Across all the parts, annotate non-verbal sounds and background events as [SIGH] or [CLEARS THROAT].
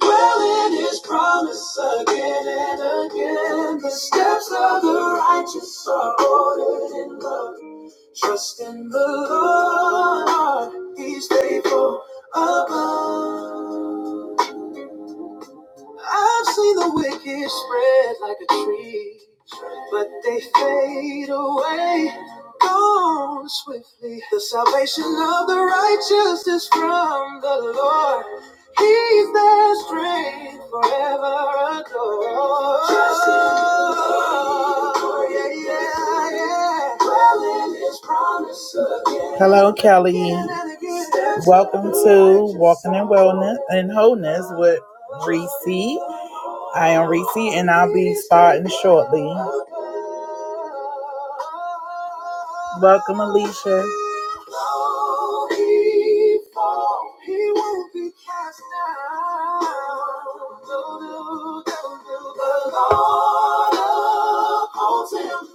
Dwell in his promise again and again. The steps of the righteous are ordered in love. Trust in the Lord, he's faithful above. I've seen the wicked spread like a tree, but they fade away, gone swiftly. The salvation of the righteous is from the Lord. He's their strength forever adored. Trust in the Lord. Yeah, yeah, yeah. Dwell in his promise again. Hello, Kelly. Welcome to Walking in Wellness and Wholeness with Reese. I am Reese, and I'll be starting shortly. Welcome, Alicia.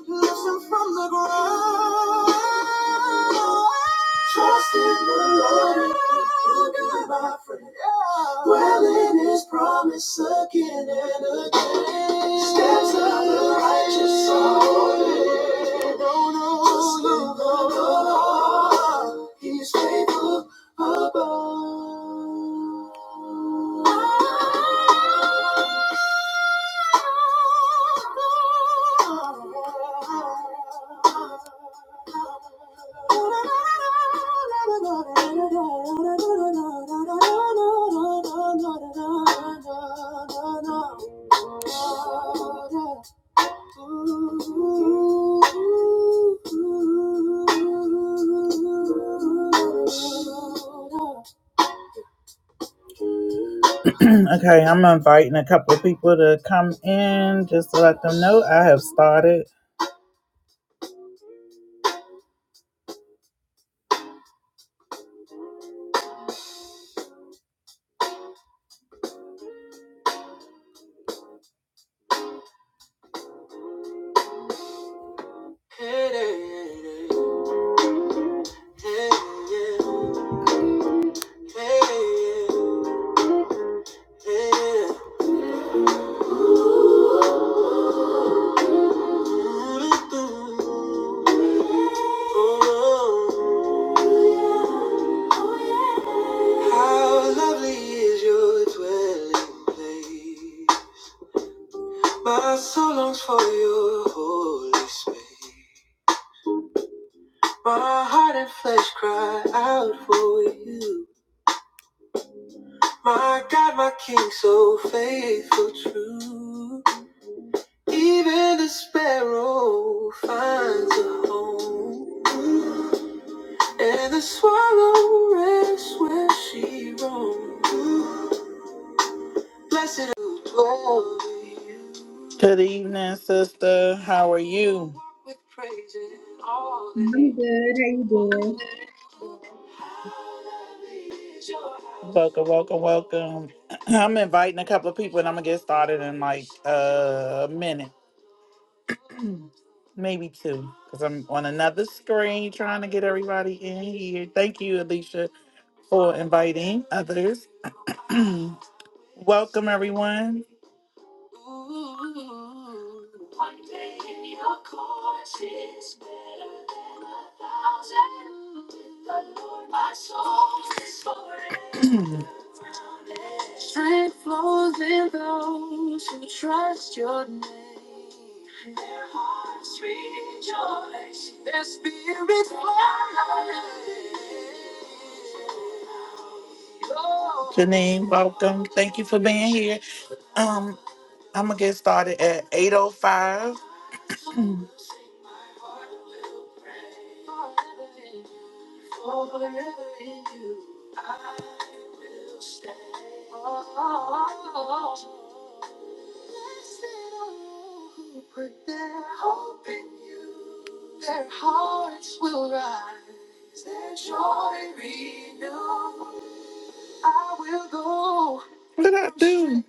Listen from the ground. Trust in the Lord and be my friend. Dwell in his promise again and again. Steps of the righteous are ordered. No, no, Trust in no, the no. Lord. He's faithful above. Okay, I'm inviting a couple of people to come in just to let them know I have started. How lovely is your dwelling place. My soul longs for your holy space. My heart and flesh cry out for you. My God, my King, so faithful, true. Even the sparrow finds a home, and the swallow rests where she roams. Blessed who dwell with you. Good evening, sister. How are you? With praise in all they I'm do. good. How you doing? Welcome, welcome, welcome. [CLEARS THROAT] I'm inviting a couple of people, and I'm gonna get started in like a minute. Maybe two, because I'm on another screen trying to get everybody in here. Thank you, Alicia, for inviting others. [CLEARS THROAT] Welcome, everyone. [CLEARS THROAT] Faithful in those who trust your name. Their hearts rejoice, their spirits fly. Janine, welcome. Thank you for being here. Um, I'm gonna get started at 8:05. [CLEARS THROAT] For wherever in you I will stay. Oh, blessed are all who put their hope in you. Their hearts will rise, their joy renewed. I will go. What I do?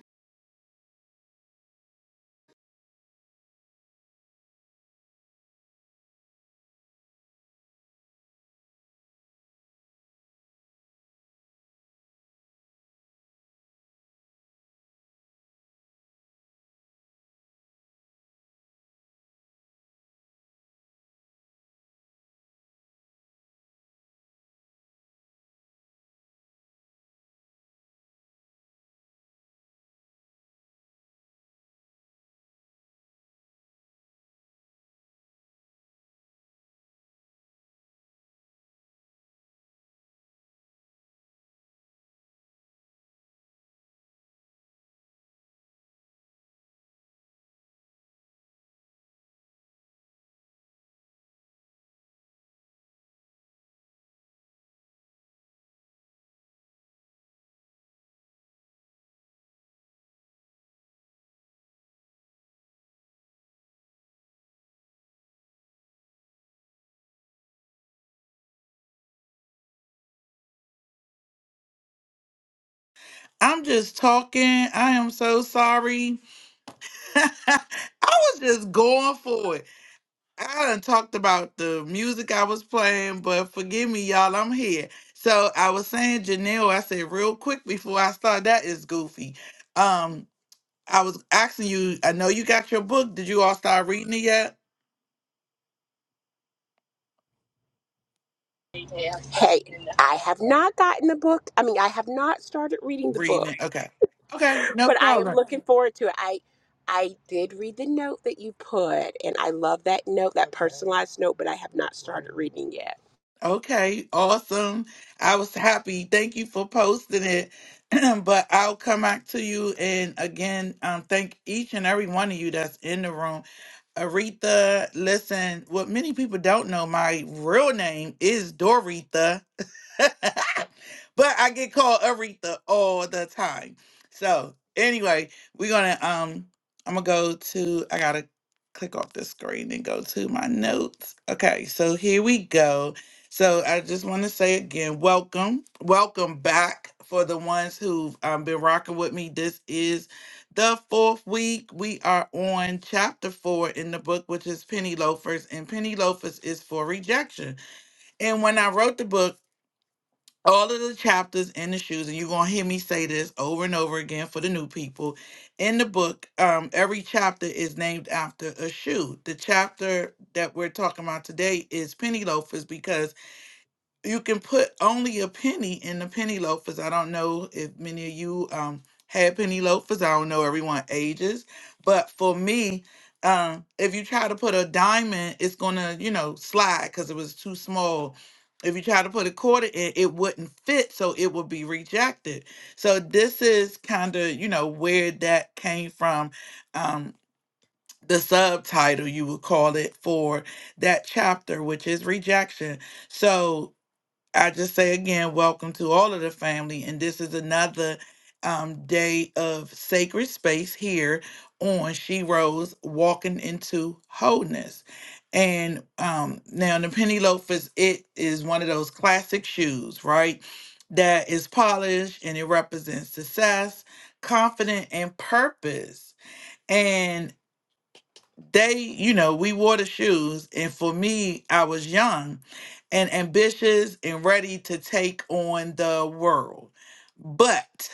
I'm just talking. I am so sorry. [LAUGHS] I was just going for it. I done talked about the music I was playing, but forgive me, y'all, I'm here. So I was saying Janelle, I said real quick before I start, that is goofy. Um, I was asking you, I know you got your book. Did you all start reading it yet? Hey, I have not gotten the book. I mean, I have not started reading the Reading book, it. Okay. Okay, no but I am problem. looking forward to it. I I did read the note that you put, and I love that note, that personalized note, but I have not started reading yet. Okay, awesome. I was happy. Thank you for posting it. [CLEARS THROAT] but I'll come back to you and again, um, thank each and every one of you that's in the room. Aretha, listen, what many people don't know, my real name is Doretha. [LAUGHS] but I get called Aretha all the time. So anyway, we're gonna um I'm gonna go to I gotta click off the screen and go to my notes. Okay, so here we go. So I just want to say again, welcome, welcome back for the ones who've um, been rocking with me. This is the fourth week. We are on chapter four in the book, which is Penny Loafers, and Penny Loafers is for rejection. And when I wrote the book, all of the chapters in the shoes, and you're gonna hear me say this over and over again for the new people. In the book, um, every chapter is named after a shoe. The chapter that we're talking about today is penny loafers because you can put only a penny in the penny loafers. I don't know if many of you um had penny loafers. I don't know everyone ages, but for me, um, if you try to put a diamond, it's gonna you know slide because it was too small. If you try to put a quarter in, it wouldn't fit, so it would be rejected. So this is kind of you know where that came from. Um, the subtitle you would call it for that chapter, which is rejection. So I just say again, welcome to all of the family. And this is another um, day of sacred space here on She Rose Walking into Wholeness. And um, now the penny loafers, it is one of those classic shoes, right? That is polished and it represents success, confidence, and purpose. And they you know we wore the shoes and for me i was young and ambitious and ready to take on the world but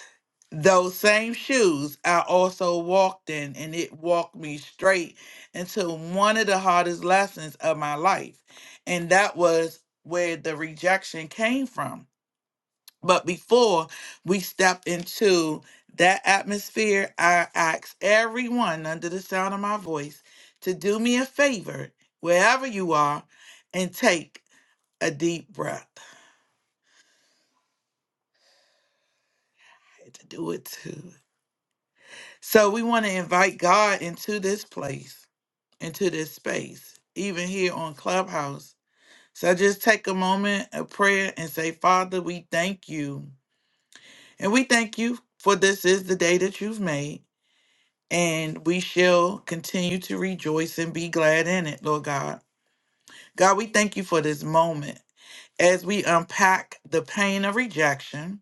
those same shoes i also walked in and it walked me straight into one of the hardest lessons of my life and that was where the rejection came from but before we step into that atmosphere, I ask everyone under the sound of my voice to do me a favor, wherever you are, and take a deep breath. I had to do it too. So we want to invite God into this place, into this space, even here on Clubhouse. So just take a moment of prayer and say, Father, we thank you. And we thank you for this is the day that you've made. and we shall continue to rejoice and be glad in it, Lord God. God, we thank you for this moment. As we unpack the pain of rejection,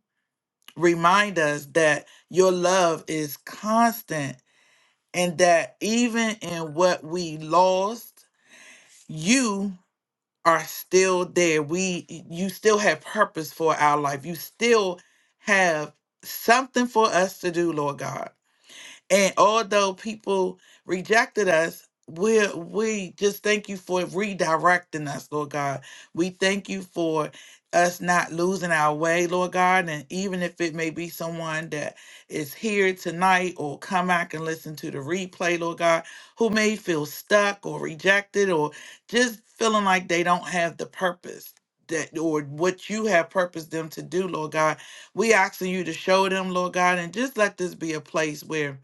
remind us that your love is constant and that even in what we lost, you are still there. We you still have purpose for our life. You still have something for us to do, Lord God. And although people rejected us, we we just thank you for redirecting us, Lord God. We thank you for us not losing our way, Lord God. And even if it may be someone that is here tonight or come back and listen to the replay, Lord God, who may feel stuck or rejected or just feeling like they don't have the purpose that or what you have purposed them to do, Lord God. We asking you to show them, Lord God, and just let this be a place where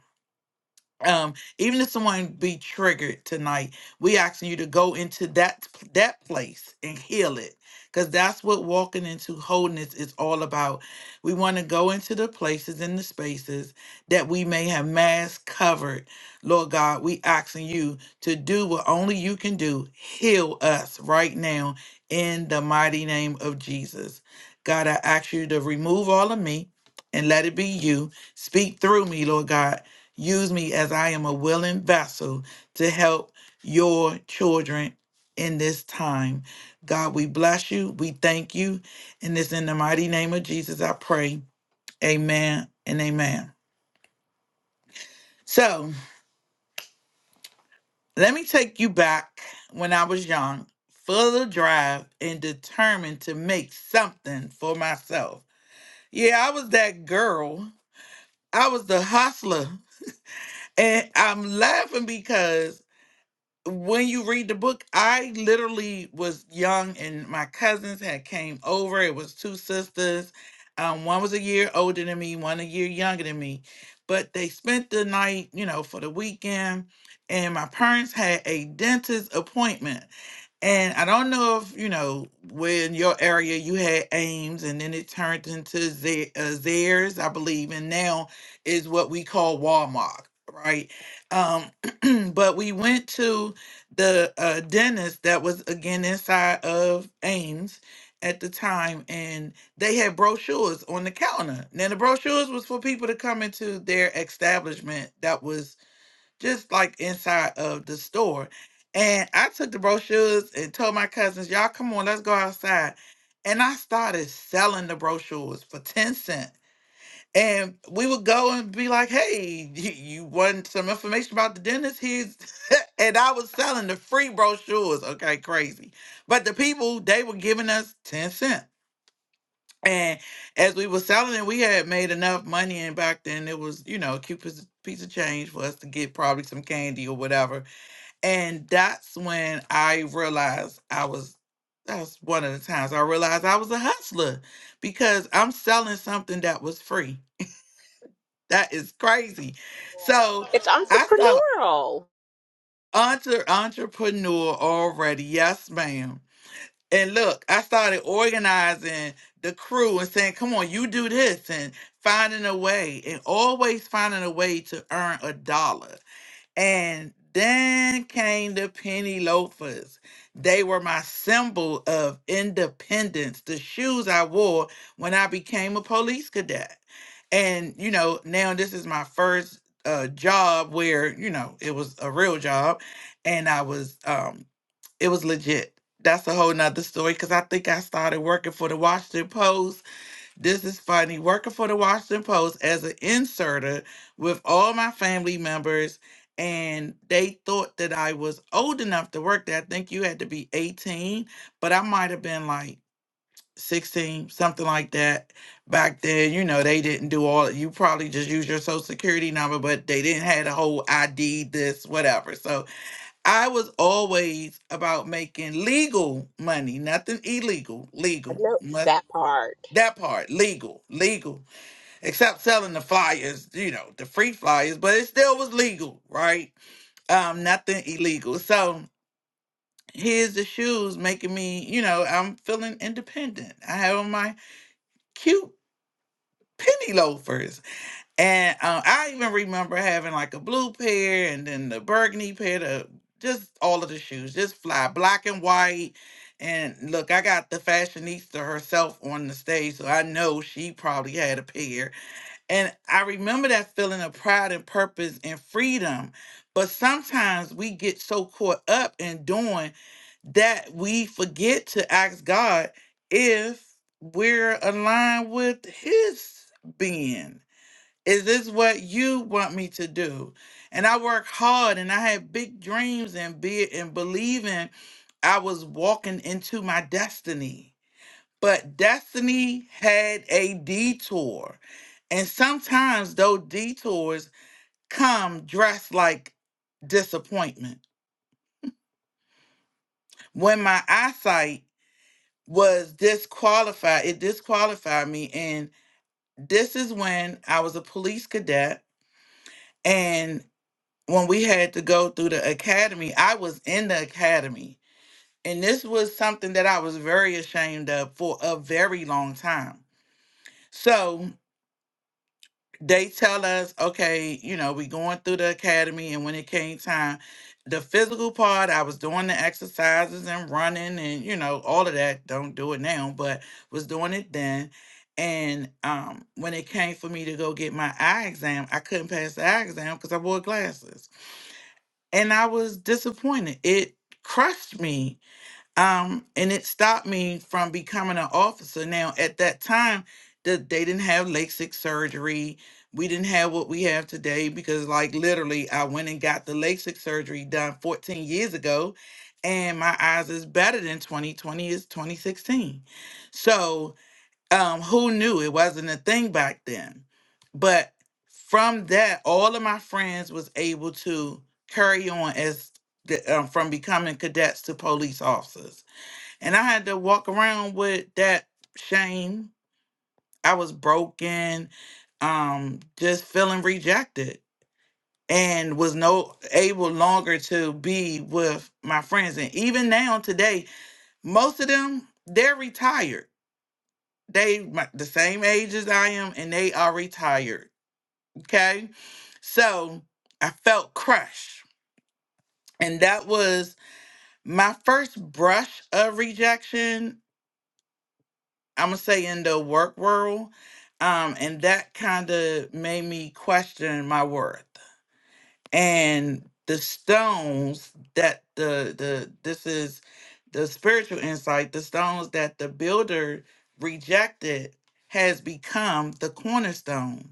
um even if someone be triggered tonight we asking you to go into that that place and heal it because that's what walking into wholeness is all about we want to go into the places and the spaces that we may have mass covered lord god we asking you to do what only you can do heal us right now in the mighty name of jesus god i ask you to remove all of me and let it be you speak through me lord god Use me as I am a willing vessel to help your children in this time. God, we bless you. We thank you. And it's in the mighty name of Jesus I pray. Amen and amen. So let me take you back when I was young, full of drive and determined to make something for myself. Yeah, I was that girl. I was the hustler. And I'm laughing because when you read the book, I literally was young and my cousins had came over. It was two sisters. Um, one was a year older than me, one a year younger than me. But they spent the night, you know, for the weekend, and my parents had a dentist appointment. And I don't know if you know where in your area you had Ames, and then it turned into Za- uh, Zaire's, I believe, and now is what we call Walmart, right? Um, [CLEARS THROAT] but we went to the uh, dentist that was again inside of Ames at the time, and they had brochures on the counter. Now the brochures was for people to come into their establishment that was just like inside of the store. And I took the brochures and told my cousins, y'all come on, let's go outside. And I started selling the brochures for 10 cents. And we would go and be like, hey, you, you want some information about the dentist? Here's [LAUGHS] and I was selling the free brochures. Okay, crazy. But the people, they were giving us 10 cents. And as we were selling it, we had made enough money, and back then it was, you know, a cute piece of piece of change for us to get probably some candy or whatever and that's when I realized I was, that's one of the times I realized I was a hustler because I'm selling something that was free. That is crazy. So It's I thought entrepreneurial. entre- entrepreneur already. Yes, ma'am. And look, I started organizing the crew and saying, come on, you do this and finding a way and always finding a way to earn a dollar. And then came the penny loafers. They were my symbol of independence, the shoes I wore when I became a police cadet. And, you know, now this is my first uh, job where, you know, it was a real job and I was, um, it was legit. That's a whole nother story because I think I started working for the Washington Post this is funny. Working for the Washington Post as an inserter with all my family members, and they thought that I was old enough to work there. I think you had to be 18, but I might have been like 16, something like that back then. You know, they didn't do all, you probably just use your social security number, but they didn't have the whole ID, this, whatever. So I was always about making legal money, nothing illegal, I legal. know Noth- that part. That part, legal, legal except selling the flyers, you know, the free flyers, but it still was legal, right? Um, nothing illegal. So here's the shoes making me, you know, I'm feeling independent. I have on my cute penny loafers. And uh, I even remember having like a blue pair and then the burgundy pair, the, just all of the shoes, just fly black and white. And look, I got the fashionista herself on the stage, so I know she probably had a pair And I remember that feeling of pride and purpose and freedom. But sometimes we get so caught up in doing that we forget to ask God if we're aligned with His being. Is this what you want me to do? And I worked hard and I had big dreams and be and believing I was walking into my destiny but destiny had a detour. And sometimes those detours come dressed like disappointment. When my eyesight was disqualified, it disqualified me. And this is when I was a police cadet. And when we had to go through the academy, I was in the academy. And this was something that I was very ashamed of for a very long time. So they tell us, okay, you know, we going through the academy, and when it came time, the physical part, I was doing the exercises and running, and you know, all of that. Don't do it now, but was doing it then. And um, when it came for me to go get my eye exam, I couldn't pass the eye exam because I wore glasses, and I was disappointed. It crushed me um, and it stopped me from becoming an officer. Now, at that time, the, they didn't have LASIK surgery. We didn't have what we have today because, like, literally, I went and got the LASIK surgery done 14 years ago, and my eyes is better than 2020 is 2016. So, um, who knew it wasn't a thing back then? But from that, all of my friends was able to carry on as the, um, from becoming cadets to police officers and I had to walk around with that shame. I was broken, um, just feeling rejected and was no able longer to be with my friends. And even now today, most of them, they're retired. They my, the same age as I am and they are retired. Okay. So I felt crushed. And that was my first brush of rejection I'm gonna say in the work world, um, and that kind of made me question my worth and the stones that the the this is the spiritual insight. The stones that the builder rejected has become the cornerstone,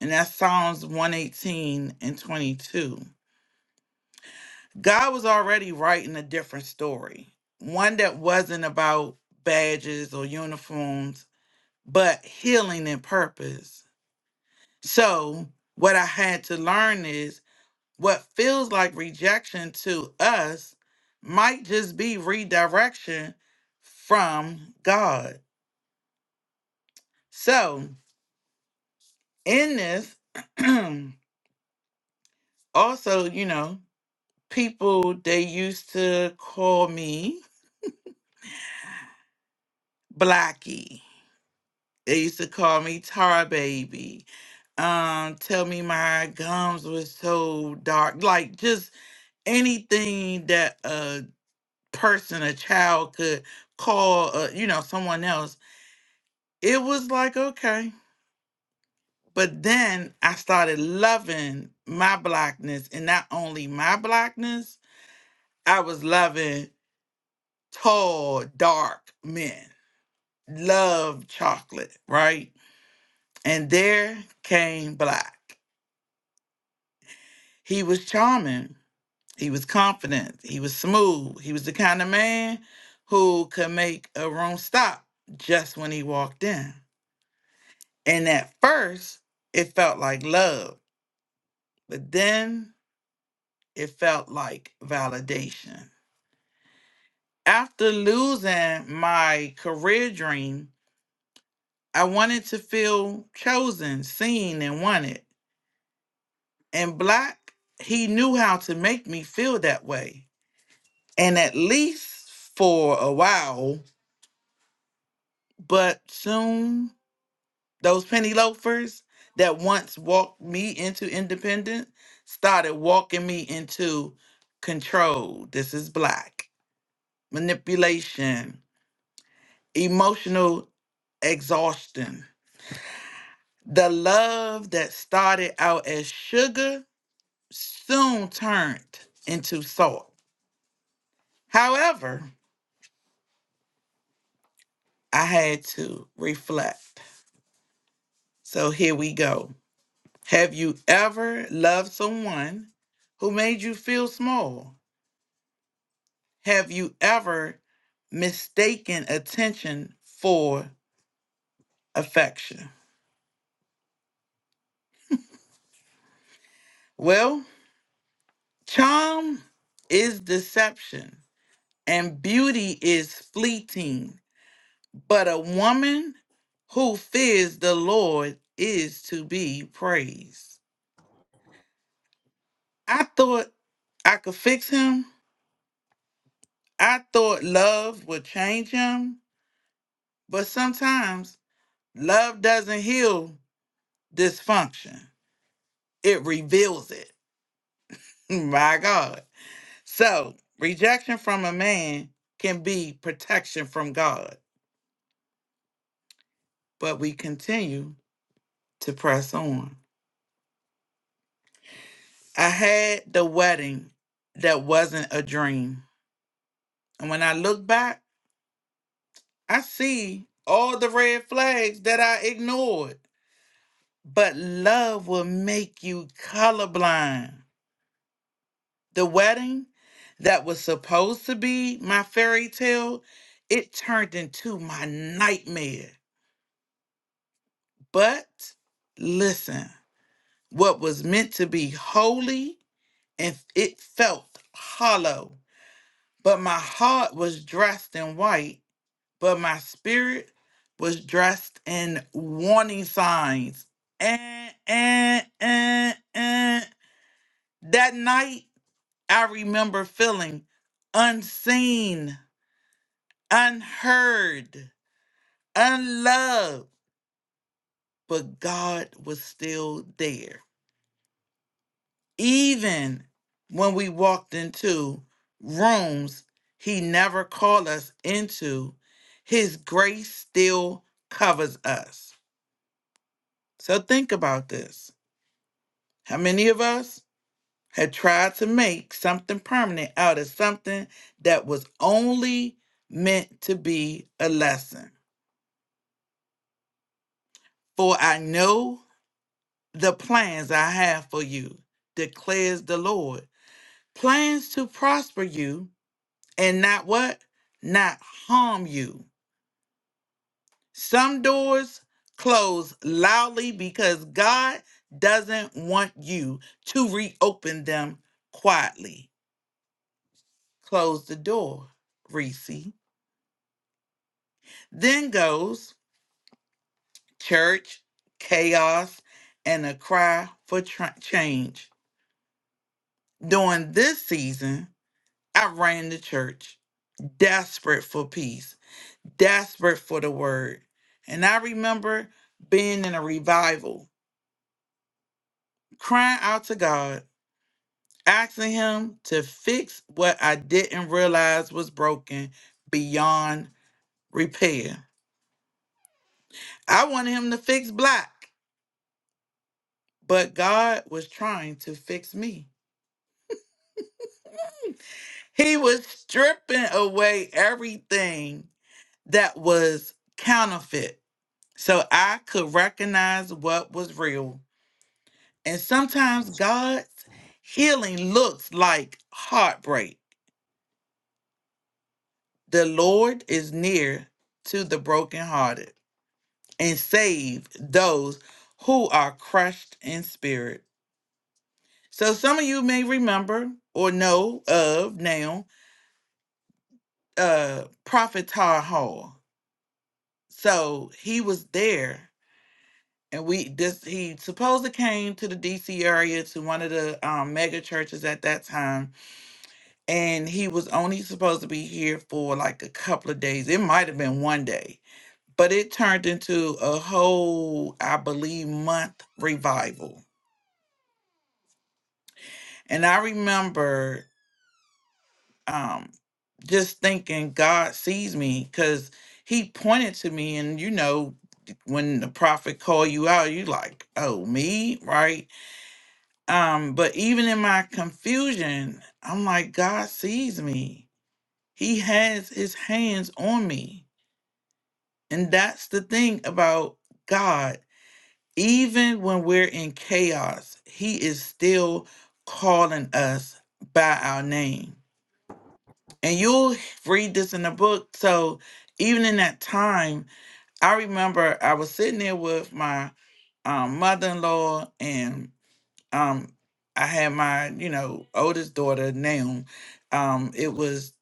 and that's Psalms 118 and 22. God was already writing a different story, one that wasn't about badges or uniforms but healing and purpose. So, what I had to learn is what feels like rejection to us might just be redirection from God. So, in this, [CLEARS THROAT] also, you know, people they used to call me Blackie They used to call me Tar Baby. Um, tell me my gums was so dark. Like just anything that a person, a child could call, uh, you know, someone else, it was like, okay. But then I started loving my blackness and not only my blackness, I was loving tall, dark men. Love chocolate, right? And there came black. He was charming. He was confident. He was smooth. He was the kind of man who could make a room stop just when he walked in. And at first, it felt like love, but then it felt like validation. After losing my career dream, I wanted to feel chosen, seen, and wanted. And Black, he knew how to make me feel that way. And at least for a while, But soon, those penny loafers that once walked me into independence started walking me into control. This is black manipulation, emotional exhaustion. The love that started out as sugar soon turned into salt. However, I had to reflect. So here we go. Have you ever loved someone who made you feel small? Have you ever mistaken attention for affection? Well, charm is deception and beauty is fleeting, but a woman who fears the Lord is to be praised. I thought I could fix him. I thought love would change him, but sometimes Love doesn't heal dysfunction, it reveals it. [LAUGHS] My God. So, rejection from a man can be protection from God, but we continue to press on. I had the wedding that wasn't a dream. And when I look back, I see all the red flags that I ignored. But love will make you colorblind. The wedding that was supposed to be my fairy tale, it turned into my nightmare. But listen, what was meant to be holy and it felt hollow. But my heart was dressed in white, but my spirit was dressed in warning signs. And, and, and, and. That night, I remember feeling unseen unheard, unloved, but God was still there. Even when we walked into rooms He never called us into, His grace still covers us. So think about this. How many of us had tried to make something permanent out of something that was only meant to be a lesson? For I know the plans I have for you, declares the Lord. Plans to prosper you and not what? Not harm you. Some doors close loudly because God doesn't want you to reopen them quietly. Close the door, Reese. Then goes church, chaos, and a cry for tra- change. During this season, I ran the church. desperate for peace, desperate for the word. And I remember being in a revival, crying out to God, asking Him to fix what I didn't realize was broken beyond repair. I wanted Him to fix black, but God was trying to fix me. He was stripping away everything that was counterfeit so I could recognize what was real. And sometimes God's healing looks like heartbreak. The Lord is near to the brokenhearted and save those who are crushed in spirit. So some of you may remember or know of now uh Prophet Tar Hall. So he was there and we this he supposedly came to the DC area to one of the um mega churches at that time and he was only supposed to be here for like a couple of days. It might have been one day, but it turned into a whole, I believe, month revival. And I remember um, just thinking God sees me because he pointed to me, and you know, when the prophet call you out, you like, oh me, right? Um, but even in my confusion, I'm like, God sees me. He has his hands on me And that's the thing about God. Even when we're in chaos, He is still calling us by our name. And you'll read this in the book. So even in that time, I remember I was sitting there with my um, mother-in-law and um, I had my, you know, oldest daughter, Naum. Um, it was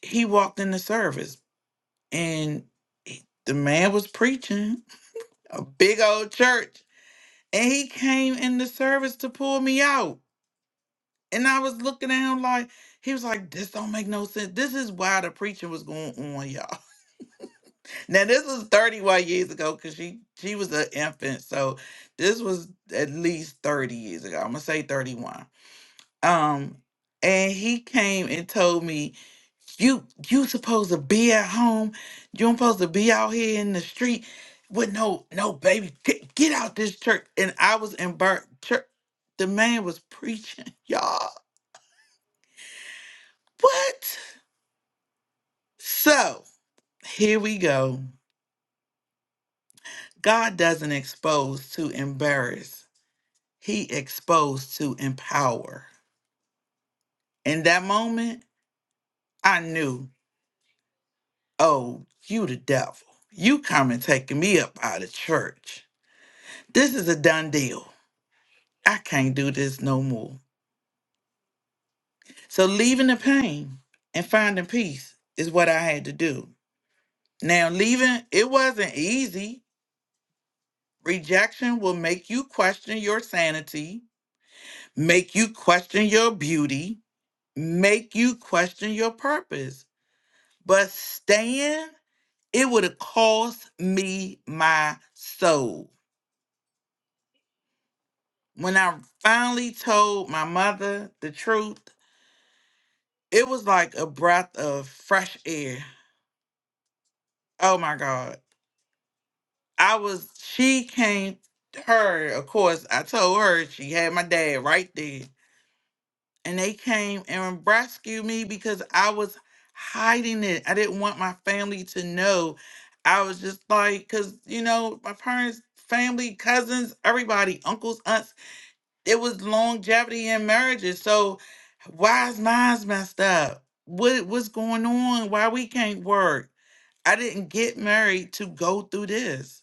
he walked in the service and he- the man was preaching a big old church. And he came in the service to pull me out. And I was looking at him like, he was like, this don't make no sense. This is why the preaching was going on, y'all. [LAUGHS] Now, this was 31 years ago because she, she was an infant. So this was at least 30 years ago. I'm going to say 31. Um, And he came and told me You you supposed to be at home. You don't supposed to be out here in the street with no no baby. Get, get out this church. And I was in Bart church. The man was preaching, [LAUGHS] y'all. What? So here we go. God doesn't expose to embarrass. He exposed to empower. In that moment, I knew, oh, you the devil. You come and taking me up out of church. This is a done deal. I can't do this no more. So leaving the pain and finding peace is what I had to do. Now, leaving, it wasn't easy. Rejection will make you question your sanity, make you question your beauty, make you question your purpose. But staying, it would have cost me my soul. When I finally told my mother the truth, it was like a breath of fresh air. Oh my God. I was she came her, of course, I told her she had my dad right there. And they came and rescued me because I was hiding it. I didn't want my family to know. I was just like, cause you know, my parents, family, cousins, everybody, uncles, aunts, it was longevity in marriages. So why is mine's messed up? What what's going on? Why we can't work? I didn't get married to go through this.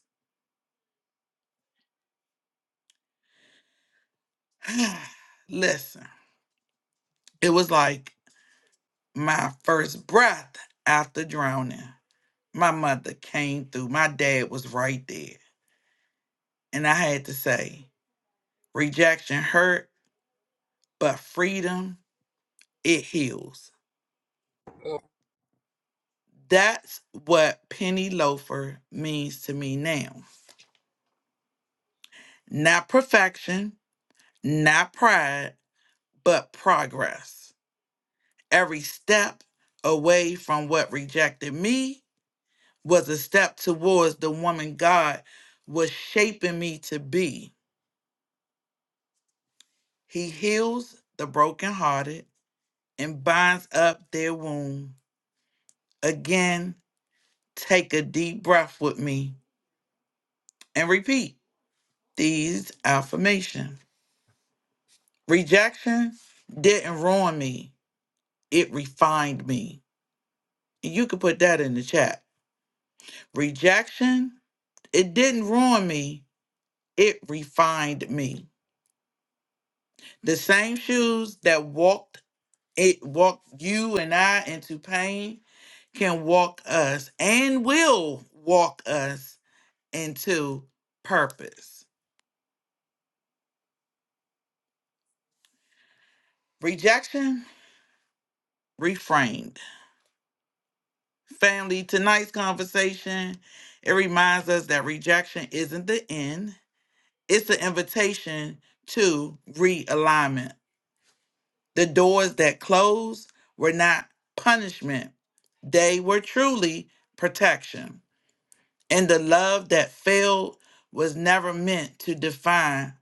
[SIGHS] Listen, it was like my first breath after drowning. My mother came through. My dad was right there. And I had to say, rejection hurt, but freedom, it heals. That's what Penny Loafer means to me now. Not perfection, not pride, but progress. Every step away from what rejected me was a step towards the woman God was shaping me to be. He heals the brokenhearted and binds up their wound. Again, take a deep breath with me and repeat these affirmations. Rejection didn't ruin me, it refined me. And you can put that in the chat. Rejection, it didn't ruin me, it refined me. The same shoes that walked it walked you and I into pain, can walk us and will walk us into purpose. Rejection reframed. Family, tonight's conversation, it reminds us that rejection isn't the end. It's an invitation to realignment. The doors that closed were not punishment. They were truly protection. And the love that failed was never meant to define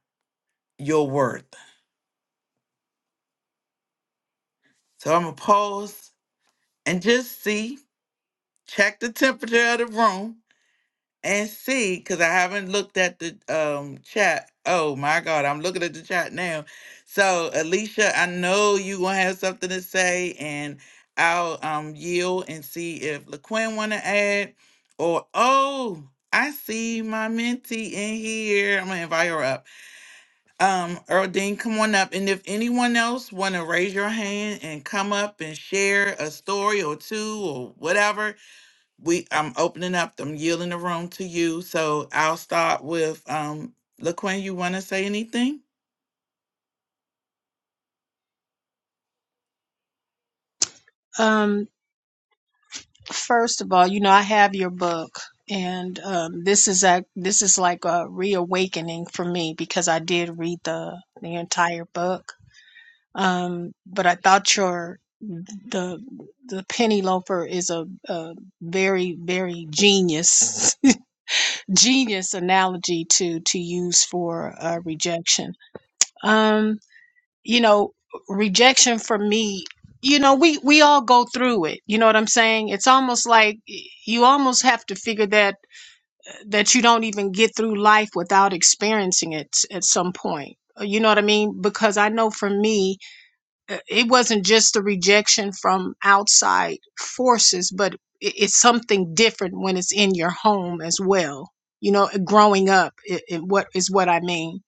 your worth. So I'm going to pause and just see, check the temperature of the room and see, because I haven't looked at the um, chat. Oh my God, I'm looking at the chat now. So, Alicia, I know you going to have something to say, and I'll um, yield and see if LaQuinn want to add or, oh, I see my mentee in here. I'm going to invite her up. Um, Earl Dean, come on up. And if anyone else want to raise your hand and come up and share a story or two or whatever, we I'm opening up. I'm yielding the room to you. So I'll start with um, LaQuinn. You want to say anything? Um, first of all, you know, I have your book and um this is a this is like a reawakening for me because I did read the the entire book. Um, but I thought your the the penny loafer is a, a very very genius [LAUGHS] genius analogy to to use for uh, rejection. Um, you know rejection for me you know we we all go through it you know what i'm saying it's almost like you almost have to figure that that you don't even get through life without experiencing it at some point you know what i mean because i know for me uh, it wasn't just the rejection from outside forces but it- it's something different when it's in your home as well you know growing up it, it, what is what i mean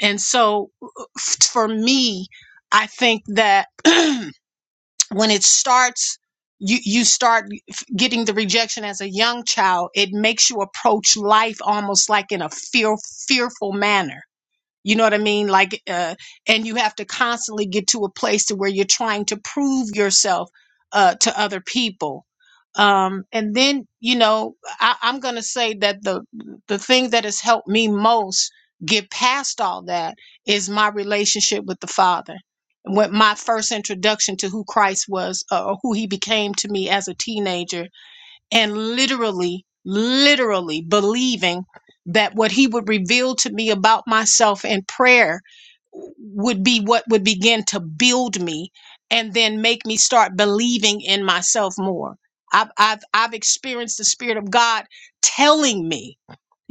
and so f- for me, I think that [CLEARS THROAT] when it starts, you, you start f- getting the rejection as a young child, it makes you approach life almost like in a fear, fearful manner you know what I mean? Like, uh, and you have to constantly get to a place to where you're trying to prove yourself uh, to other people. Um, and then, you know, I, I'm going to say that the the thing that has helped me most get past all that is my relationship with the Father. When my first introduction to who Christ was, uh, or who He became to me as a teenager, and literally, literally believing that what he would reveal to me about myself in prayer would be what would begin to build me and then make me start believing in myself more. I've, I've, I've experienced the Spirit of God telling me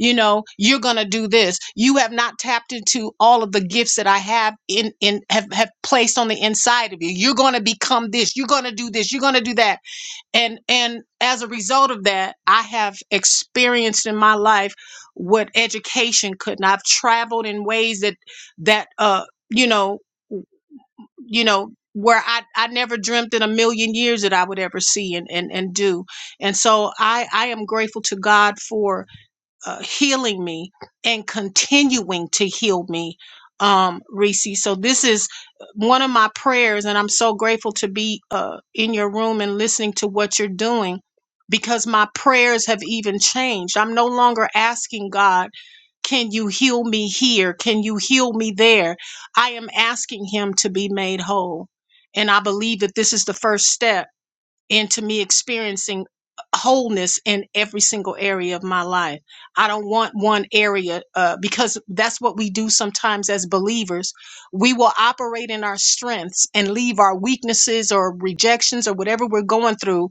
you know you're going to do this you have not tapped into all of the gifts that i have in in have, have placed on the inside of you you're going to become this you're going to do this you're going to do that and and as a result of that i have experienced in my life what education could and i've traveled in ways that that uh you know you know where I, I never dreamt in a million years that I would ever see and, and, and do. And so I, I am grateful to God for uh, healing me and continuing to heal me, um, Reese. So this is one of my prayers, and I'm so grateful to be uh, in your room and listening to what you're doing because my prayers have even changed. I'm no longer asking God, can you heal me here? Can you heal me there? I am asking Him to be made whole. And I believe that this is the first step into me experiencing wholeness in every single area of my life. I don't want one area uh, because that's what we do sometimes as believers. We will operate in our strengths and leave our weaknesses or rejections or whatever we're going through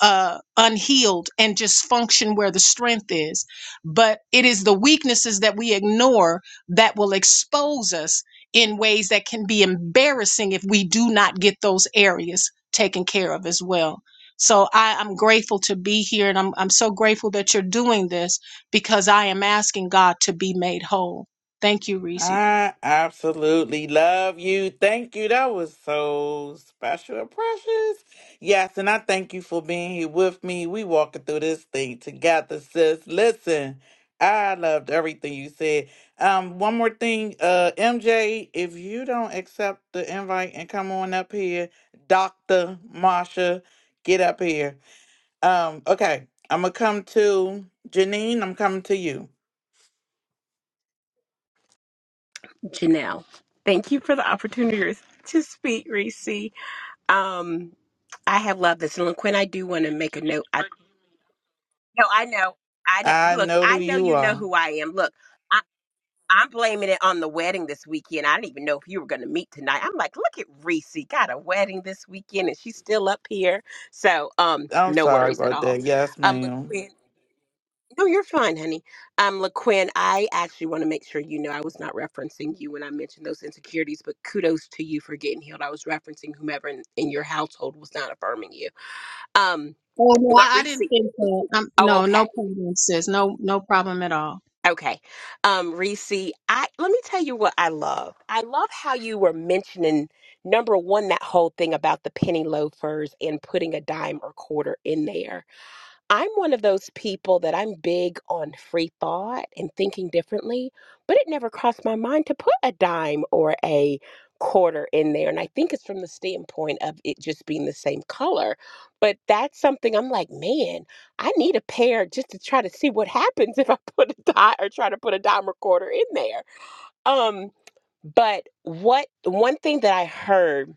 uh, unhealed and just function where the strength is. But it is the weaknesses that we ignore that will expose us in ways that can be embarrassing if we do not get those areas taken care of as well. So I, I'm grateful to be here and I'm, I'm so grateful that you're doing this because I am asking God to be made whole. Thank you, Reese. I absolutely love you. Thank you. That was so special and precious. Yes, and I thank you for being here with me. We walking through this thing together, sis. Listen, I loved everything you said. Um, one more thing, uh, MJ, if you don't accept the invite and come on up here, Dr. Marsha, get up here. Um, okay, I'm gonna come to Janine, I'm coming to you. Janelle, thank you for the opportunity to speak, Reese. Um, I have loved this. And Quinn, I do want to make a note. I, no, I know. I know, I look. know who I know you you know are. who I am. Look. I'm blaming it on the wedding this weekend. I didn't even know if you were going to meet tonight. I'm like, look at Reese, got a wedding this weekend, and she's still up here. So, um, I'm no sorry worries at about all. that. Yes, Um, ma'am. LaQuinn, no, you're fine, honey. Um, LaQuinn, I actually want to make sure you know I was not referencing you when I mentioned those insecurities, but kudos to you for getting healed. I was referencing whomever in, in your household was not affirming you. Um, Oh, no, but I I Reese, didn't think that. Um, oh, no, okay. no problem, sis. No, no problem at all. Okay. Um, Reese, I let me tell you what I love. I love how you were mentioning number one, that whole thing about the penny loafers and putting a dime or quarter in there. I'm one of those people that I'm big on free thought and thinking differently, but it never crossed my mind to put a dime or a quarter in there. And I think it's from the standpoint of it just being the same color. But that's something I'm like, man, I need a pair just to try to see what happens if I [LAUGHS] put a dime or try to put a dime or quarter in there. Um, but what one thing that I heard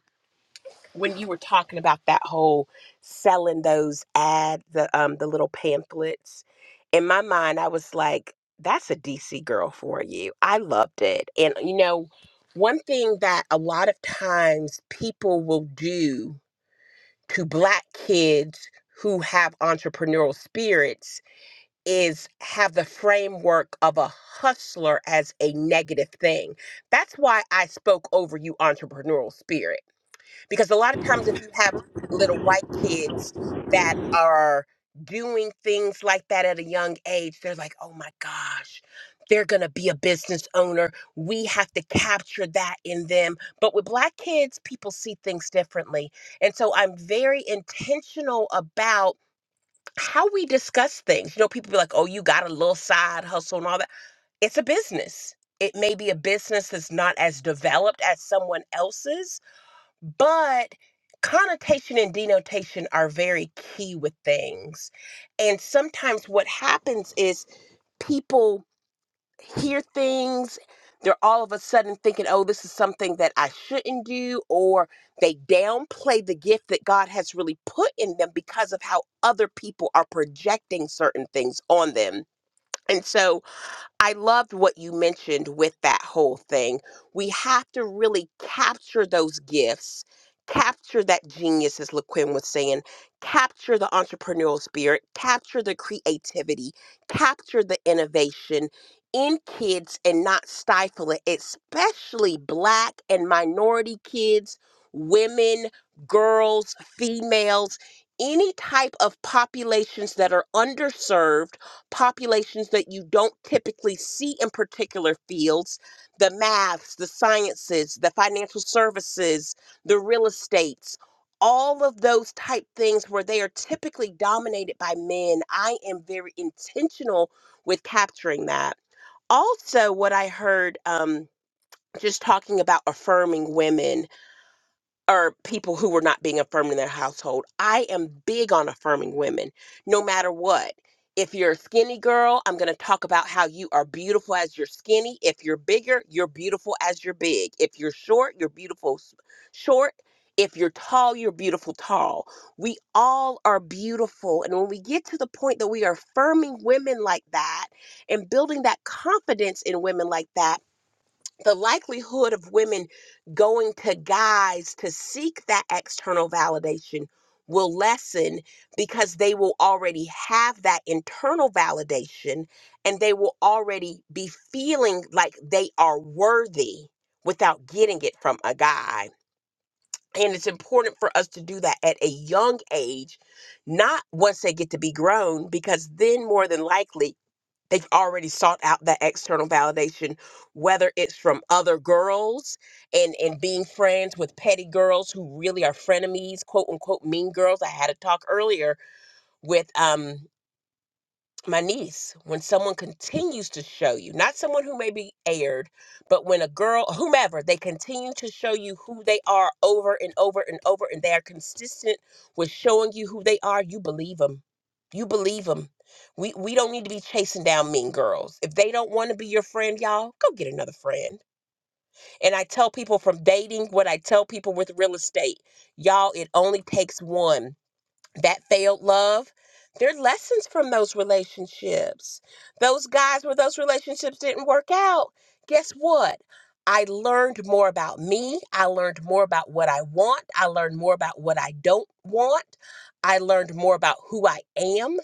when you were talking about that whole selling those ad the um the little pamphlets in my mind i was like that's a dc girl for you i loved it and you know one thing that a lot of times people will do to black kids who have entrepreneurial spirits is have the framework of a hustler as a negative thing. That's why I spoke over you entrepreneurial spirit because a lot of times if you have little white kids that are doing things like that at a young age they're like oh my gosh they're going to be a business owner we have to capture that in them but with black kids people see things differently and so i'm very intentional about how we discuss things you know people be like oh you got a little side hustle and all that it's a business it may be a business that's not as developed as someone else's but connotation and denotation are very key with things. And sometimes what happens is people hear things, they're all of a sudden thinking, oh, this is something that I shouldn't do, or they downplay the gift that God has really put in them because of how other people are projecting certain things on them. And so, I loved what you mentioned with that whole thing. We have to really capture those gifts, capture that genius, as LaQuinn was saying, capture the entrepreneurial spirit, capture the creativity, capture the innovation in kids and not stifle it, especially Black and minority kids, women, girls, females, any type of populations that are underserved populations that you don't typically see in particular fields the maths, the sciences, the financial services, the real estates, all of those type things where they are typically dominated by men. I am very intentional with capturing that. Also, what I heard um, just talking about affirming women or people who were not being affirmed in their household. I am big on affirming women, no matter what. If you're a skinny girl, I'm going to talk about how you are beautiful as you're skinny. If you're bigger, you're beautiful as you're big. If you're short, you're beautiful s- short. If you're tall, you're beautiful tall. We all are beautiful. And when we get to the point that we are affirming women like that and building that confidence in women like that, the likelihood of women going to guys to seek that external validation will lessen because they will already have that internal validation and they will already be feeling like they are worthy without getting it from a guy. And it's important for us to do that at a young age, not once they get to be grown, because then more than likely They've already sought out that external validation, whether it's from other girls and and being friends with petty girls who really are frenemies, quote unquote mean girls. I had a talk earlier with um my niece, when someone continues to show you, not someone who may be aired, but when a girl, whomever, they continue to show you who they are over and over and over, and they are consistent with showing you who they are, you believe them. You believe them. We we don't need to be chasing down mean girls. If they don't want to be your friend, y'all, go get another friend. And I tell people from dating what I tell people with real estate, y'all, it only takes one that failed love there are lessons from those relationships those guys where those relationships didn't work out guess what i learned more about me i learned more about what i want i learned more about what i don't want i learned more about who i am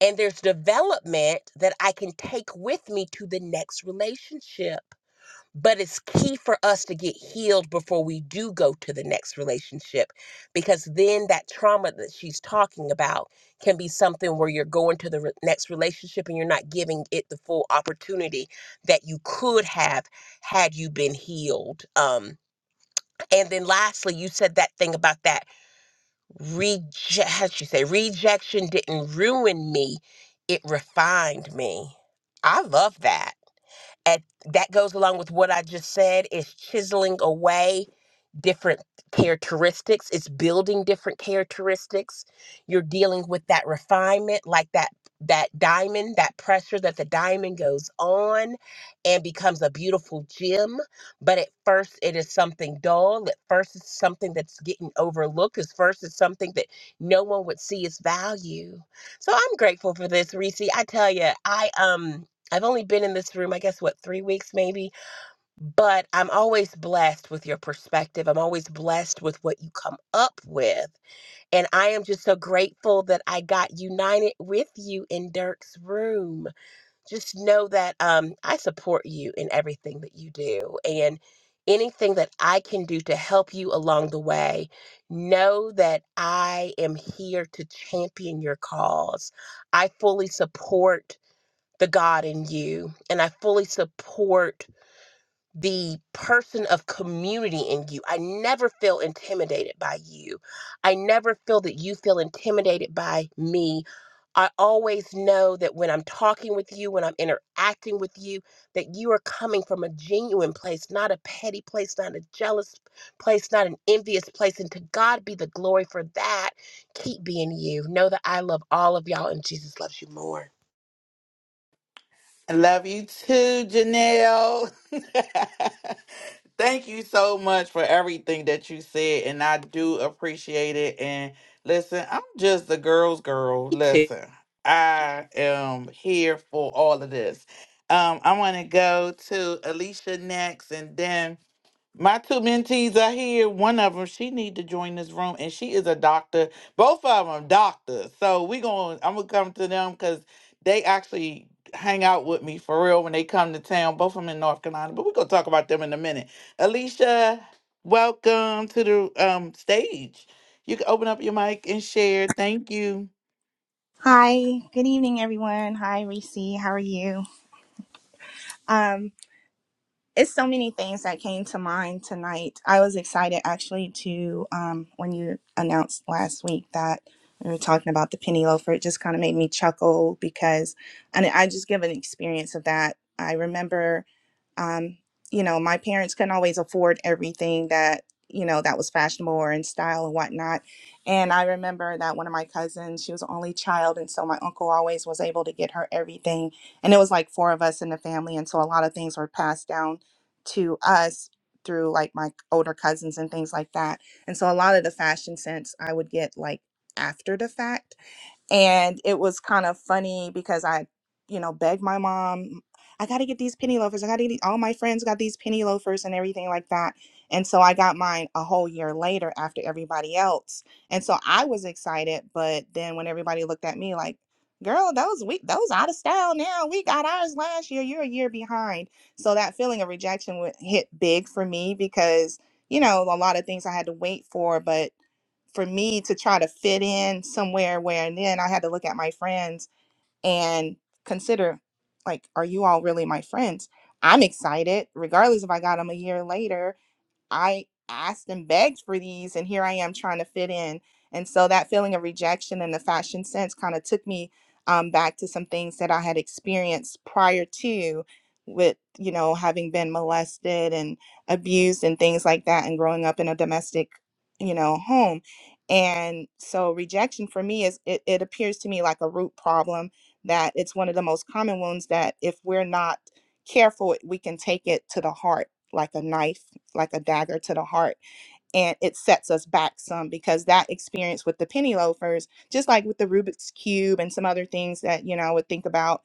and there's development that i can take with me to the next relationship but it's key for us to get healed before we do go to the next relationship because then that trauma that she's talking about can be something where you're going to the re- next relationship and you're not giving it the full opportunity that you could have had you been healed. Um, and then lastly, you said that thing about that reject, how'd you say, rejection didn't ruin me, it refined me. I love that at that goes along with what I just said is chiseling away different characteristics it's building different characteristics you're dealing with that refinement like that that diamond that pressure that the diamond goes on and becomes a beautiful gem but at first it is something dull at first it's something that's getting overlooked at first it's something that no one would see its value so i'm grateful for this reese i tell you i um i've only been in this room i guess what three weeks maybe but I'm always blessed with your perspective. I'm always blessed with what you come up with. And I am just so grateful that I got united with you in Dirk's room. Just know that um, I support you in everything that you do. And anything that I can do to help you along the way, know that I am here to champion your cause. I fully support the God in you, and I fully support the person of community in you. I never feel intimidated by you. I never feel that you feel intimidated by me. I always know that when I'm talking with you, when I'm interacting with you, that you are coming from a genuine place, not a petty place, not a jealous place, not an envious place. And to God be the glory for that. Keep being you. Know that I love all of y'all and Jesus loves you more. I love you too, Janelle. [LAUGHS] Thank you so much for everything that you said, and I do appreciate it. And listen, I'm just the girl's girl. Me too. Listen, I am here for all of this. Um, I want to go to Alicia next, and then My two mentees are here. One of them, she need to join this room, and she is a doctor. Both of them doctors. So we going to I'm gonna come to them because they actually hang out with me for real when they come to town. Both of them in North Carolina, but we're gonna talk about them in a minute. Alicia, welcome to the um stage. You can open up your mic and share. Thank you. Hi, good evening, everyone. Hi, Reese. How are you? Um, it's so many things that came to mind tonight. I was excited actually to um, when you announced last week that we were talking about the penny loafer. It just kind of made me chuckle because, and I just give an experience of that. I remember um, you know, my parents couldn't always afford everything that, you know, that was fashionable or in style and whatnot. And I remember that one of my cousins, she was the only child. And so my uncle always was able to get her everything. And it was like four of us in the family. And so a lot of things were passed down to us through like my older cousins and things like that. And so a lot of the fashion sense I would get like after the fact and it was kind of funny because I, you know, begged my mom, I got to get these penny loafers. I got to get these- all my friends got these penny loafers and everything like that. And so I got mine a whole year later after everybody else. And so I was excited, but then when everybody looked at me like, "Girl, those we those out of style now. We got ours last year. You're a year behind." So that feeling of rejection would hit big for me because you know a lot of things I had to wait for, but for me to try to fit in somewhere where and then I had to look at my friends and consider like are you all really my friends? I'm excited regardless if I got them a year later I asked and begged for these, and here I am trying to fit in. And so that feeling of rejection in the fashion sense kind of took me um, back to some things that I had experienced prior to, with you know having been molested and abused and things like that, and growing up in a domestic, you know, home. And so rejection for me is it, it appears to me like a root problem that it's one of the most common wounds that if we're not careful, we can take it to the heart like a knife like a dagger to the heart and it sets us back some because that experience with the penny loafers just like with the rubik's cube and some other things that you know i would think about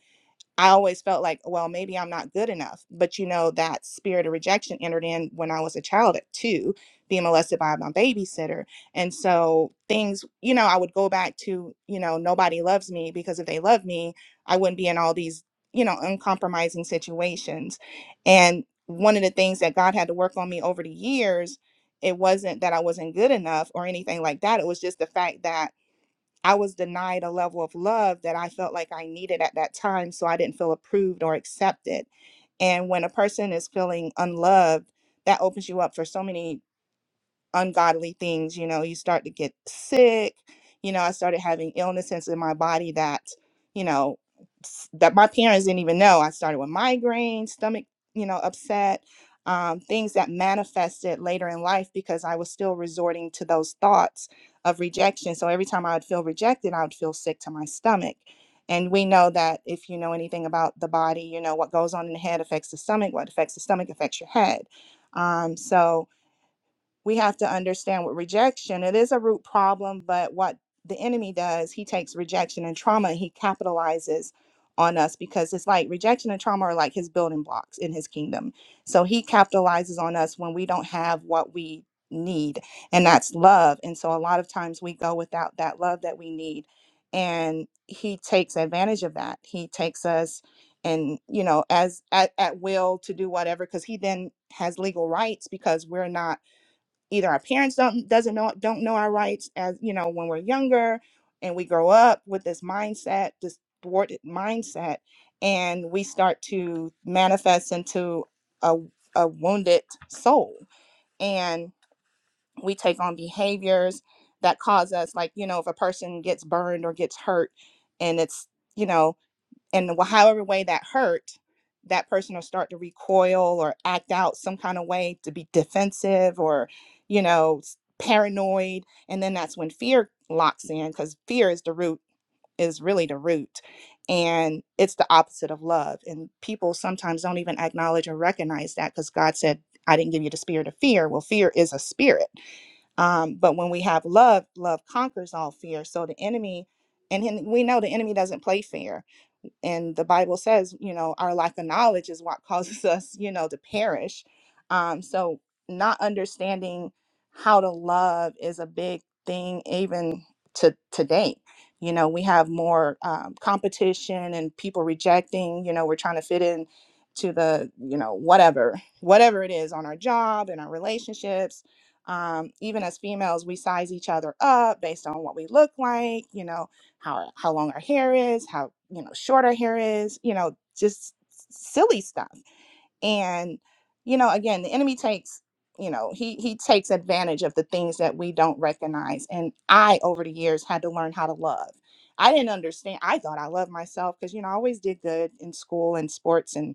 I always felt like, well, maybe I'm not good enough. But you know, that spirit of rejection entered in when I was a child at two, being molested by my babysitter. And so things, you know, I would go back to, you know, nobody loves me because if they loved me, I wouldn't be in all these, you know, uncompromising situations. And one of the things that God had to work on me over the years, it wasn't that I wasn't good enough or anything like that. It was just the fact that I was denied a level of love that I felt like I needed at that time, so I didn't feel approved or accepted. And when a person is feeling unloved, that opens you up for so many ungodly things. You know, you start to get sick. You know, I started having illnesses in my body that, you know, s- that my parents didn't even know. I started with migraines, stomach, you know, upset, um, things that manifested later in life because I was still resorting to those thoughts of rejection. So every time I would feel rejected, I would feel sick to my stomach. And we know that if you know anything about the body, you know what goes on in the head affects the stomach. What affects the stomach affects your head. Um, so, we have to understand with rejection, it is a root problem, but what the enemy does, he takes rejection and trauma, he capitalizes on us because it's like rejection and trauma are like his building blocks in his kingdom. So he capitalizes on us when we don't have what we need, and that's love. And so a lot of times we go without that love that we need, and he takes advantage of that. He takes us and you know as at, at will to do whatever because he then has legal rights because we're not either our parents don't doesn't know don't know our rights as you know when we're younger and we grow up with this mindset this thwarted mindset and we start to manifest into a, a wounded soul and we take on behaviors that cause us like you know if a person gets burned or gets hurt and it's you know and wh- however way that hurt that person will start to recoil or act out some kind of way to be defensive or you know s- paranoid and then that's when fear locks in because fear is the root is really the root and it's the opposite of love and people sometimes don't even acknowledge or recognize that because god said i didn't give you the spirit of fear well fear is a spirit um, but when we have love love conquers all fear so the enemy and he- we know the enemy doesn't play fair and the Bible says, you know, our lack of knowledge is what [LAUGHS] causes us, you know, to perish. Um, so not understanding how to love is a big thing, even to today. You know, we have more um, competition and people rejecting. You know, we're trying to fit in to the, you know, whatever, whatever it is on our job and our relationships. Um, even as females, we size each other up based on what we look like. You know, how how long our hair is, how you know short our hair is, you know, just silly stuff. And you know, again, the enemy takes you know he he takes advantage of the things that we don't recognize. And I over the years had to learn how to love. I didn't understand. I thought I loved myself because you know I always did good in school and sports and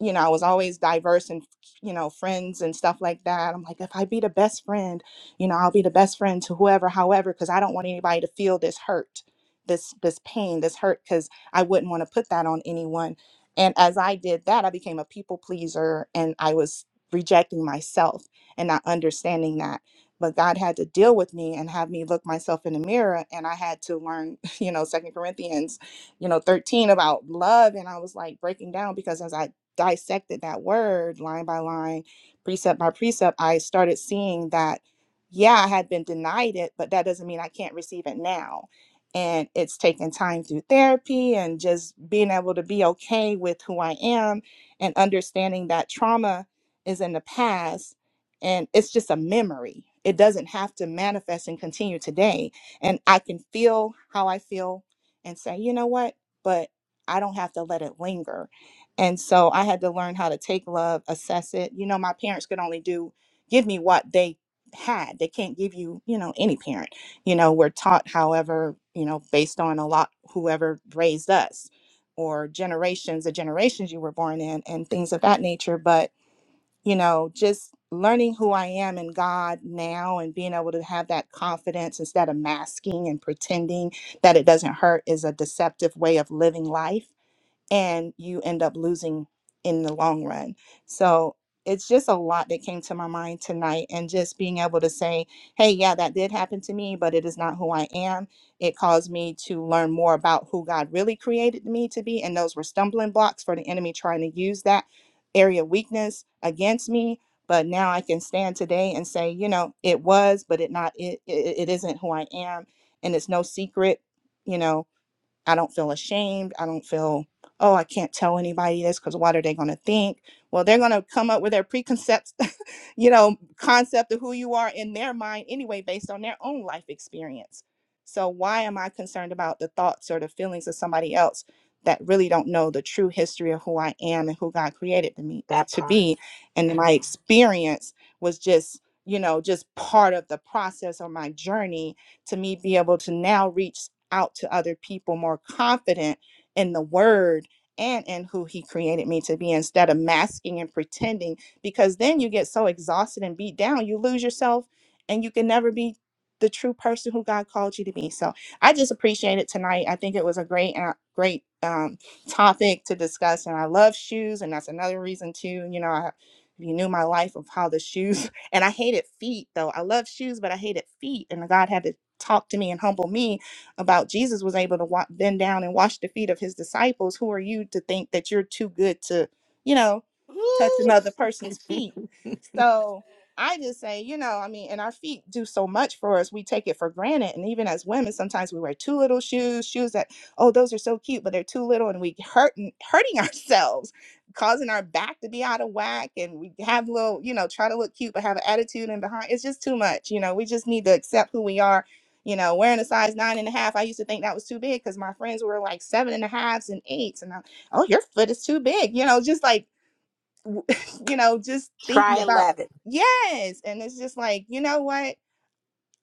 you know, I was always diverse and, you know, friends and stuff like that. I'm like, if I be the best friend, you know, I'll be the best friend to whoever, however, because I don't want anybody to feel this hurt, this this pain, this hurt, because I wouldn't want to put that on anyone. And as I did that, I became a people pleaser and I was rejecting myself and not understanding that. But God had to deal with me and have me look myself in the mirror. And I had to learn, [LAUGHS] you know, Second Corinthians you know 13 about love and i was like breaking down because as i dissected that word line by line, precept by precept, I started seeing that, yeah, I had been denied it, but that doesn't mean I can't receive it now. And it's taken time through therapy and just being able to be okay with who I am and understanding that trauma is in the past and it's just a memory. It doesn't have to manifest and continue today. And I can feel how I feel and say, you know what? But I don't have to let it linger and so I had to learn how to take love, assess it. You know, my parents could only do give me what they had. They can't give you, you know, any parent. You know, we're taught, however, you know, based on a lot whoever raised us or generations, the generations you were born in and things of that nature. But, you know, just learning who I am in God now and being able to have that confidence instead of masking and pretending that it doesn't hurt is a deceptive way of living life and you end up losing in the long run. So it's just a lot that came to my mind tonight, and just being able to say, hey, yeah, that did happen to me, but it is not who I am. It caused me to learn more about who God really created me to be, and those were stumbling blocks for the enemy trying to use that area of weakness against me. But now I can stand today and say, you know, it was, but it not it, it, it isn't who I am, and it's no secret, you know I don't feel ashamed. I don't feel, oh, I can't tell anybody this because what are they going to think? Well, they're going to come up with their preconcepts, [LAUGHS] you know, concept of who you are in their mind anyway, based on their own life experience. So, why am I concerned about the thoughts or the feelings of somebody else that really don't know the true history of who I am and who God created to me That to part. be? And my experience was just, you know, just part of the process or my journey to me be able to now reach out to other people more confident in the word and in who he created me to be instead of masking and pretending because then you get so exhausted and beat down you lose yourself and you can never be the true person who God called you to be. So I just appreciate it tonight. I think it was a great, uh, great um, topic to discuss, and I love shoes, and that's another reason too. You know, I, if you knew my life of how the shoes, [LAUGHS] and I hated feet though. I love shoes, but I hated feet, and God had to talk to me and humble me about Jesus was able to wa- bend down and wash the feet of his disciples, who are you to think that you're too good to, you know, touch Woo! another person's feet? [LAUGHS] So I just say, you know, I mean, and our feet do so much for us. We take it for granted. And even as women, sometimes we wear too little shoes, shoes that, oh, those are so cute, but they're too little and we hurt hurting [LAUGHS] ourselves, causing our back to be out of whack. And we have little, you know, try to look cute, but have an attitude in behind. It's just too much. You know, we just need to accept who we are you know, wearing a size nine and a half, I used to think that was too big because my friends were like seven and a halves and eights. And I'm, oh, your foot is too big. You know, just like, w- [LAUGHS] you know, just thinking Try about, 11. yes. And it's just like, you know what?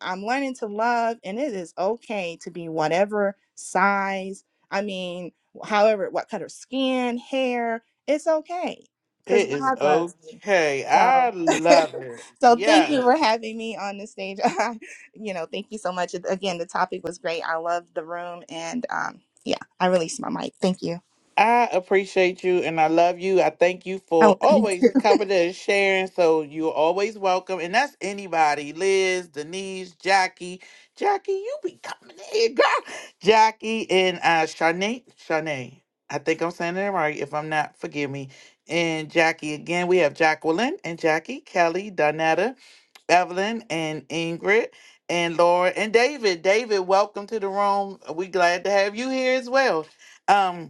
I'm learning to love, and it is okay to be whatever size. I mean, however, what color skin, hair, it's okay because It is God loves me. okay. I So, [LAUGHS] love it. so Yes. thank you for having me on the stage. [LAUGHS] you know, thank you so much. Again, the topic was great. I love the room, and um, yeah, I released my mic. Thank you. I appreciate you and I love you. I thank you I for love you [LAUGHS] always too. coming and sharing. So you're always welcome. And that's anybody Liz, Denise, Jackie. Jackie, you be coming in, girl. Jackie and uh, Shanae. Shanae. I think I'm saying it right. If I'm not, forgive me. And Jackie again. We have Jacqueline and Jackie, Kelly, Donetta, Evelyn, and Ingrid, and Laura, and David. David, welcome to the room. we glad to have you here as well. Um,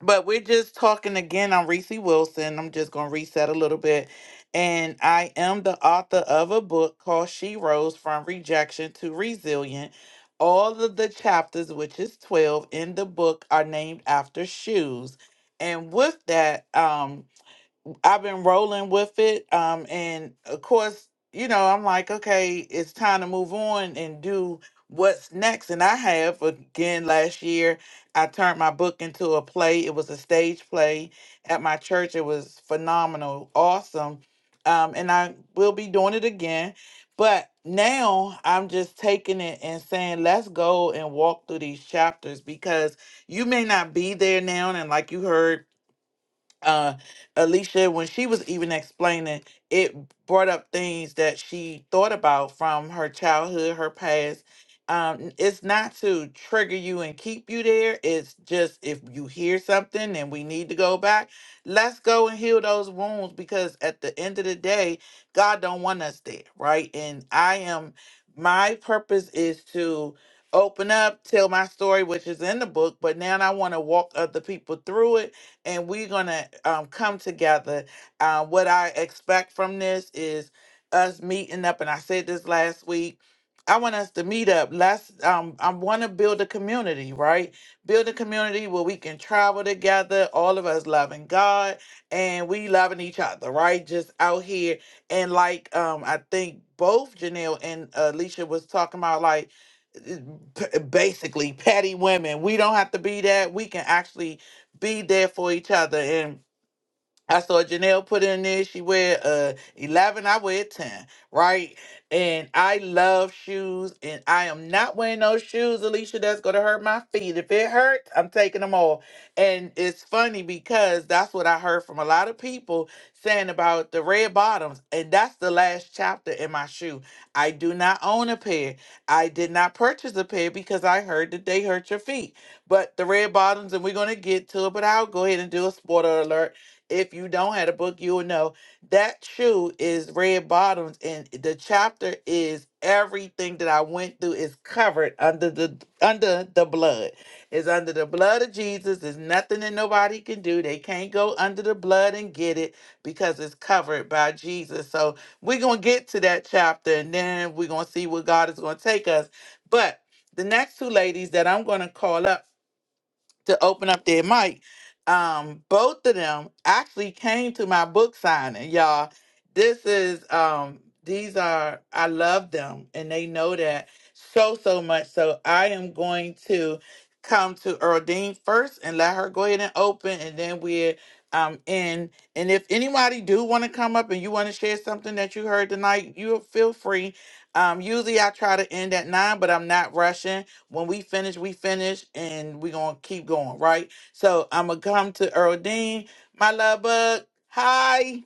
but we're just talking again. I'm Reese Wilson. I'm just going to reset a little bit. And I am the author of a book called She Rose From Rejection to Resilient. All of the chapters, which is 12 in the book, are named after shoes. And with that, um, I've been rolling with it. Um, and of course, you know, I'm like, okay, it's time to move on and do what's next. And I have again last year, I turned my book into a play. It was a stage play at my church. It was phenomenal, awesome. Um, and I will be doing it again. But now I'm just taking it and saying, let's go and walk through these chapters because you may not be there now. And like you heard, uh Alicia when she was even explaining it brought up things that she thought about from her childhood her past um it's not to trigger you and keep you there it's just if you hear something and we need to go back let's go and heal those wounds because at the end of the day God don't want us there right and I am my purpose is to open up tell my story which is in the book but now I want to walk other people through it and we're gonna um, come together. Uh, what I expect from this is us meeting up, and I said this last week. I want us to meet up. Let's. Um, I want to build a community, right? Build a community where we can travel together. All of us loving God and we loving each other, right? Just out here and like um, I think both Janelle and Alicia was talking about like eh, eh, p- basically petty women. We don't have to be that. We can actually be there for each other and I saw Janelle put in there. She wear uh eleven. I wear ten, right? And I love shoes, and I am not wearing those shoes, Alicia. That's gonna hurt my feet. If it hurts, I'm taking them off. And it's funny because that's what I heard from a lot of people saying about the red bottoms, and that's the last chapter in my shoe. I do not own a pair. I did not purchase a pair because I heard that they hurt your feet. But the red bottoms, and we're gonna get to it. But I'll go ahead and do a spoiler alert if you don't have a book, you will know that shoe is red bottoms, and the chapter is everything that I went through is covered under the under the blood. It's under the blood of Jesus. There's nothing that nobody can do. They can't go under the blood and get it because it's covered by Jesus. So we're gonna get to that chapter, and then we're gonna see where God is gonna take us. But the next two ladies that I'm going to call up to open up their mic. Um, both of them actually came to my book signing, y'all. This is um these are I love them and they know that so so much. So I am going to come to Earldine first and let her go ahead and open and then we're um in and if anybody do want to come up and you want to share something that you heard tonight, you feel free. Um usually I try to end at nine, but I'm not rushing. When we finish, we finish, and we're gonna keep going, right? So I'm gonna come to Earl Dean, my love bug. Hi.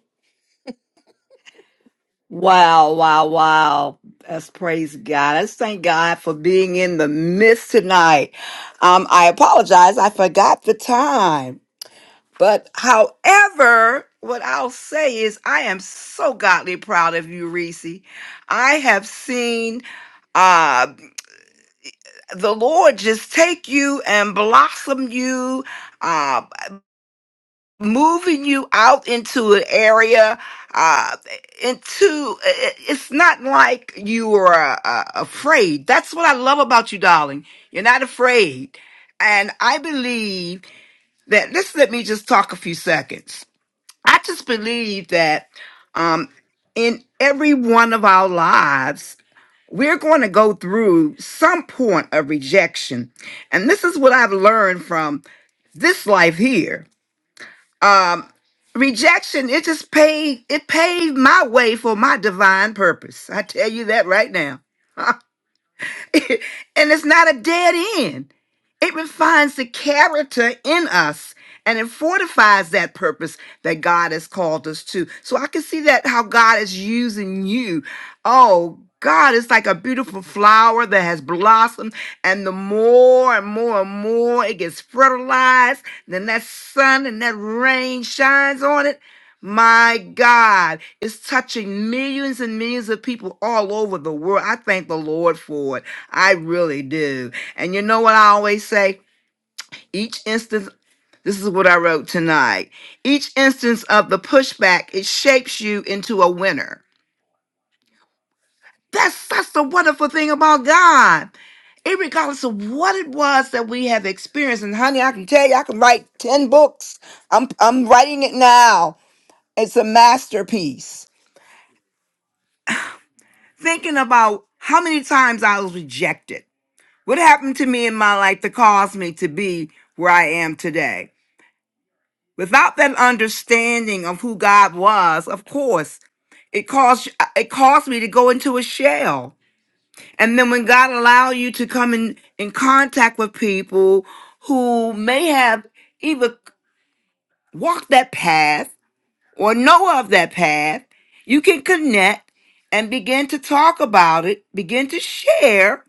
Wow, wow, wow. Let's praise God. Let's thank God for being in the midst tonight. Um, I apologize. I forgot the time. But however, what I'll say is I am so godly proud of you, Reese. I have seen uh the Lord just take you and blossom you. Uh, moving you out into an area uh into it- it's not like you are uh, afraid that's what i love about you darling you're not afraid and i believe that just let me just talk a few seconds i just believe that um in every one of our lives we're going to go through some point of rejection and this is what i've learned from this life here um rejection it just paved it paved my way for my divine purpose i tell you that right now [LAUGHS] [LAUGHS] and it's not a dead end. It refines the character in us and it fortifies that purpose that God has called us to. So I can see that how God is using you. Oh, God it's like a beautiful flower that has blossomed, and the more and more and more it gets fertilized, then that sun and that rain shines on it my God, it's touching millions and millions of people all over the world. I thank the Lord for it. I really do. And you know what I always say? Each instance, this is what I wrote tonight. Each instance of the pushback, it shapes you into a winner. That's that's the wonderful thing about God. Irregardless of what it was that we have experienced, and honey, I can tell you, I can write ten books. I'm I'm writing it now. It's a masterpiece thinking about how many times I was rejected. What happened to me in my life that caused me to be where I am today? Without that understanding of who God was, of course, it caused it caused me to go into a shell. And then when God allowed you to come in in contact with people who may have either walked that path or know of that path, you can connect and begin to talk about it, begin to share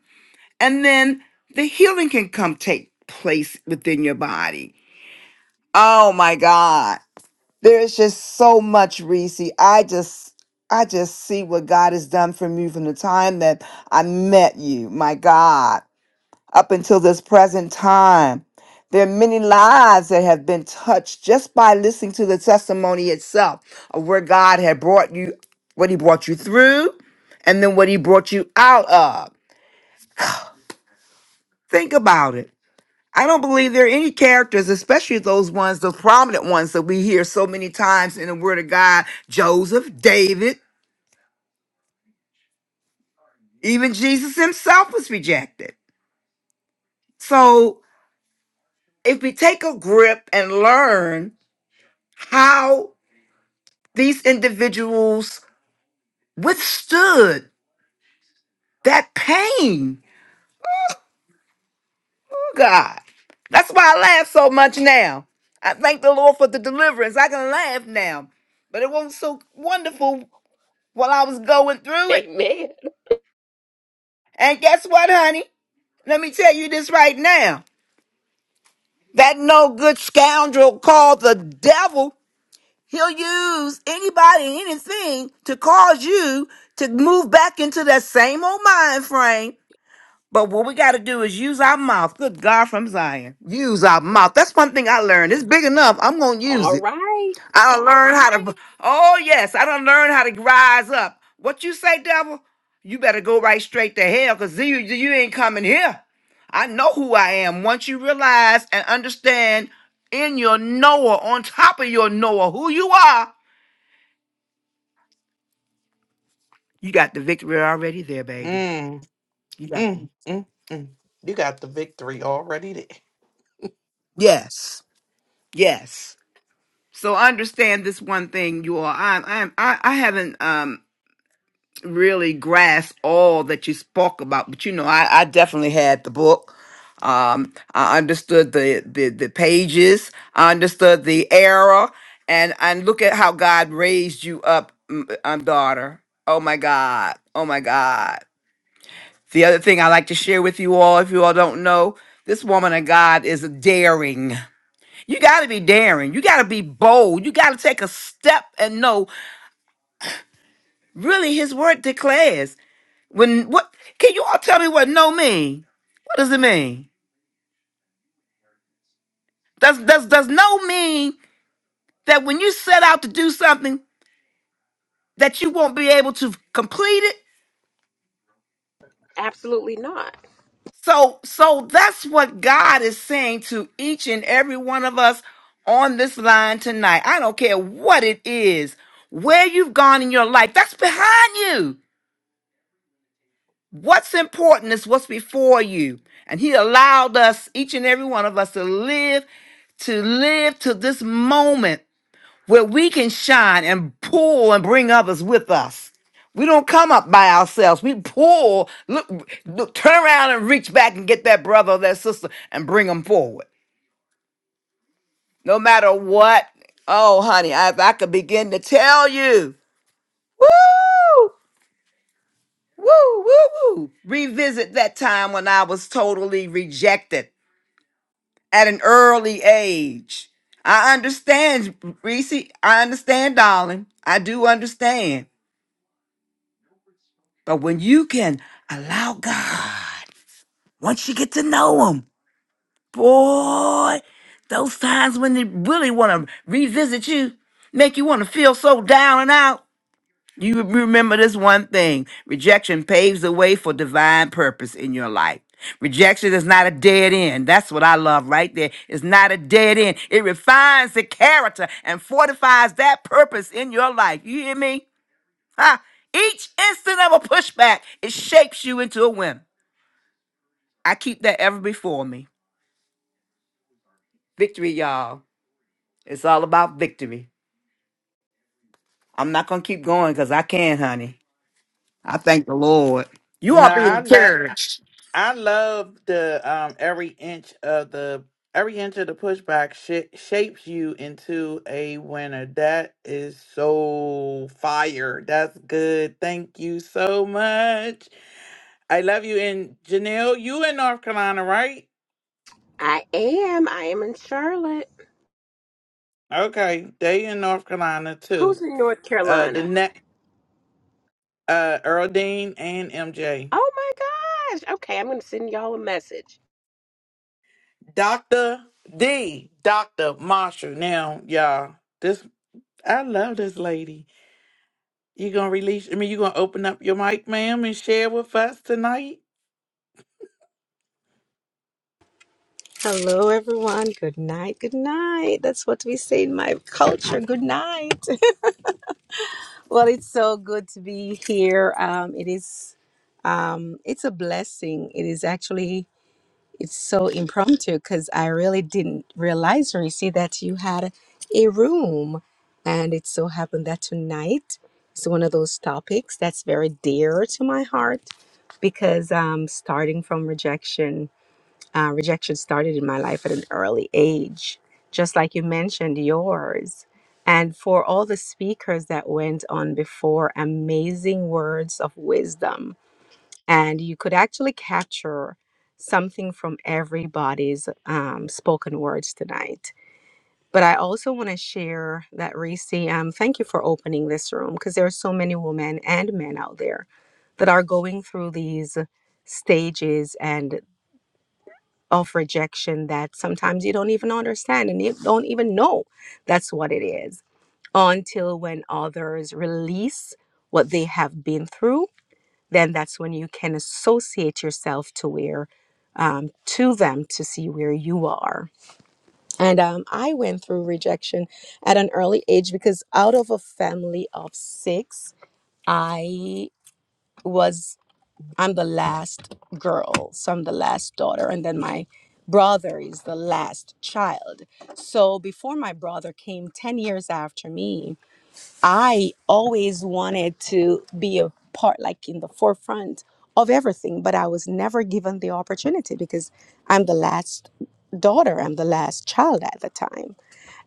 and then the healing can come take place within your body. Oh my God. There's just so much, Reese. I just I just see what God has done for me from the time that I met you, my God, up until this present time. There are many lives that have been touched just by listening to the testimony itself of where God had brought you, what He brought you through, and then what He brought you out of. Think about it. I don't believe there are any characters, especially those ones, those prominent ones that we hear so many times in the Word of God Joseph, David, even Jesus himself was rejected. So if we take a grip and learn how these individuals withstood that pain, oh God, that's why I laugh so much now. I thank the Lord for the deliverance. I can laugh now, but it wasn't so wonderful while I was going through it. Amen. And guess what, honey? Let me tell you this right now. That no good scoundrel called the devil, he'll use anybody and anything to cause you to move back into that same old mind frame. But what we got to do is use our mouth. Good God from Zion. Use our mouth. That's one thing I learned. It's big enough. I'm going to use All it. right. I don't learn how to. Oh yes, I don't learn how to rise up. What you say, devil? You better go right straight to hell, cause you you ain't coming here. I know who I am. Once you realize and understand in your knower, on top of your knower, who you are, you got the victory already there, baby. Mm, You got the- mm, mm, mm. You got the victory already there. yes, yes. So understand this one thing, you all. I'm, I'm, I, I haven't. Um. really grasp all that you spoke about. But you know, I, I definitely had the book. Um, I understood the, the the pages. I understood the era, and and look at how God raised you up, m- um, daughter. Oh my God. Oh my God. The other thing I like to share with you all, if you all don't know, this woman of God is daring. You got to be daring. You got to be bold. You got to take a step and know really his word declares. When what can you all tell me what no mean? What does it mean? Does does does no mean that when you set out to do something that you won't be able to complete it? Absolutely not. So so that's what God is saying to each and every one of us on this line tonight. I don't care what it is, where you've gone in your life, that's behind you. What's important is what's before you. And he allowed us, each and every one of us, to live, to live to this moment where we can shine and pull and bring others with us. We don't come up by ourselves. We pull, look, look, turn around and reach back and get that brother or that sister and bring them forward. No matter what. Oh, honey, I- if I could begin to tell you, woo, woo, woo, woo. Revisit that time when I was totally rejected at an early age. I understand, Reese. I understand, darling. I do understand. But when you can allow God, once you get to know Him, boy, those times when they really want to revisit you, make you want to feel so down and out, you remember this one thing rejection paves the way for divine purpose in your life. Rejection is not a dead end. That's what I love right there. It's not a dead end. It refines the character and fortifies that purpose in your life. You hear me? Ha! Each instant of a pushback, it shapes you into a win. I keep that ever before me. Victory, y'all. It's all about victory. I'm not gonna keep going because I can, honey. I thank the Lord. You all No, be I love encouraged. I love the um every inch of the every inch of the pushback sh- shapes you into a winner. That is so fire. That's good. Thank you so much. I love you. And Janelle, you in North Carolina, right? I am. I am in Charlotte. Okay, they in North Carolina too. Who's in North Uh, the Carolina? next uh Earl Dean and MJ, Oh my gosh. Okay, I'm going to send y'all a message. Doctor D, Doctor Marshall. Now, y'all, this I love this lady. You gonna release? I mean, you gonna open up your mic, ma'am, and share with us tonight? Hello, everyone. Good night. Good night. That's what we say in my culture. Good night. [LAUGHS] well, it's so good to be here. Um, it is. Um, it's a blessing. It is actually. It's so impromptu because I really didn't realize, Reese, that you had a room, and it so happened that tonight is one of those topics that's very dear to my heart because um, starting from rejection uh, rejection started in my life at an early age, just like you mentioned yours. And for all the speakers that went on before, amazing words of wisdom. And you could actually capture something from everybody's um, spoken words tonight. But I also want to share that, Reese, um, thank you for opening this room because there are so many women and men out there that are going through these stages and of rejection that sometimes you don't even understand and you don't even know that's what it is until when others release what they have been through then that's when you can associate yourself to where um, to them to see where you are and um, i went through rejection at an early age because out of a family of six i was I'm the last girl, so I'm the last daughter, and then my brother is the last child. So before my brother came 10 years after me, I always wanted to be a part, like in the forefront of everything, but I was never given the opportunity because I'm the last daughter, I'm the last child at the time.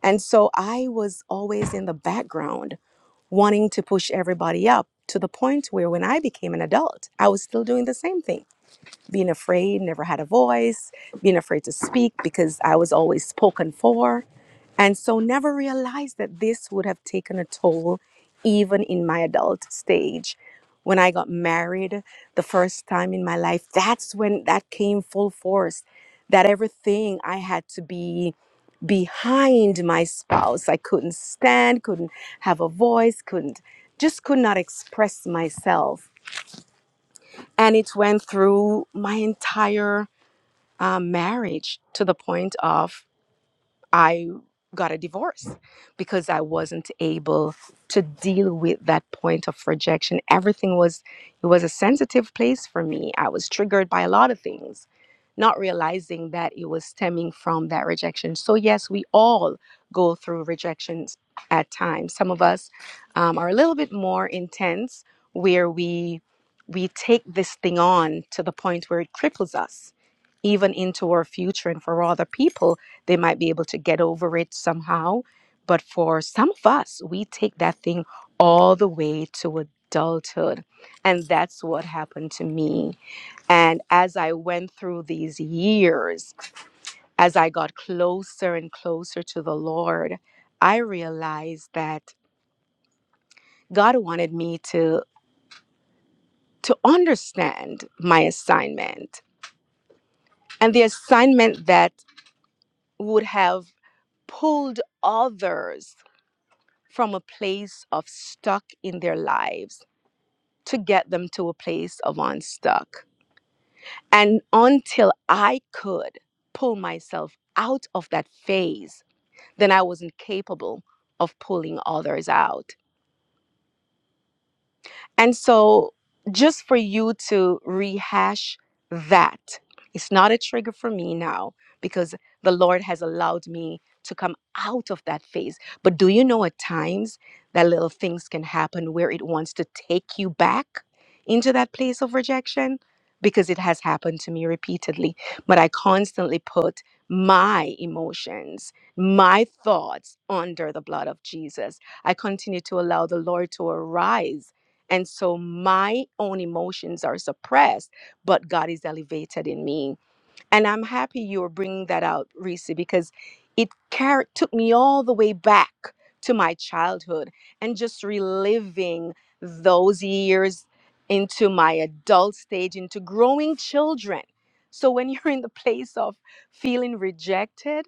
And so I was always in the background wanting to push everybody up to the point where when I became an adult, I was still doing the same thing being afraid, never had a voice, being afraid to speak because I was always spoken for. And so never realized that this would have taken a toll even in my adult stage. When I got married the first time in my life, that's when that came full force. That everything I had to be behind my spouse. I couldn't stand, couldn't have a voice, couldn't just could not express myself. And it went through my entire um, marriage to the point of I got a divorce because I wasn't able to deal with that point of rejection. Everything was it was a sensitive place for me. I was triggered by a lot of things, not realizing that it was stemming from that rejection. So yes, we all go through rejections at times. Some of us um, are a little bit more intense, where we we take this thing on to the point where it cripples us even into our future and for other people they might be able to get over it somehow. But for some of us, we take that thing all the way to adulthood. And that's what happened to me. And as I went through these years, as I got closer and closer to the Lord, I realized that God wanted me to to understand my assignment and the assignment that would have pulled others from a place of stuck in their lives to get them to a place of unstuck. And until I could pull myself out of that phase, then I wasn't capable of pulling others out. And so, just for you to rehash that, it's not a trigger for me now because the Lord has allowed me to come out of that phase. But do you know at times that little things can happen where it wants to take you back into that place of rejection? Because it has happened to me repeatedly. But I constantly put my emotions, my thoughts under the blood of Jesus. I continue to allow the Lord to arise and so my own emotions are suppressed, but God is elevated in me. And I'm happy you were bringing that out, Reese, because it car- took me all the way back to my childhood and just reliving those years into my adult stage, into growing children. So when [LAUGHS] you're in the place of feeling rejected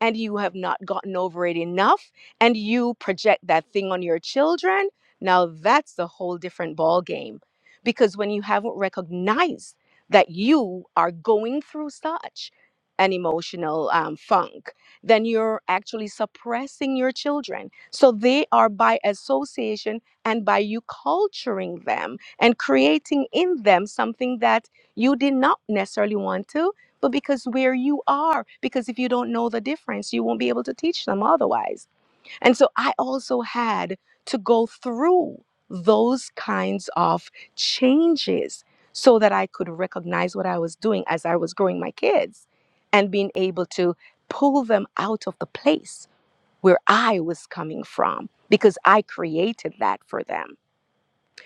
and you have not gotten over it enough and you project that thing on your children, now that's a whole different ball game because when you haven't recognized that you are going through such an emotional um, funk, then you're actually suppressing your children. So they are by association and by you culturing them and creating in them something that you did not necessarily want to, but because where you are, because if you don't know the difference, you won't be able to teach them otherwise. And so I also had to go through those kinds of changes so that I could recognize what I was doing as I was growing my kids and being able to pull them out of the place where I was coming from because I created that for them.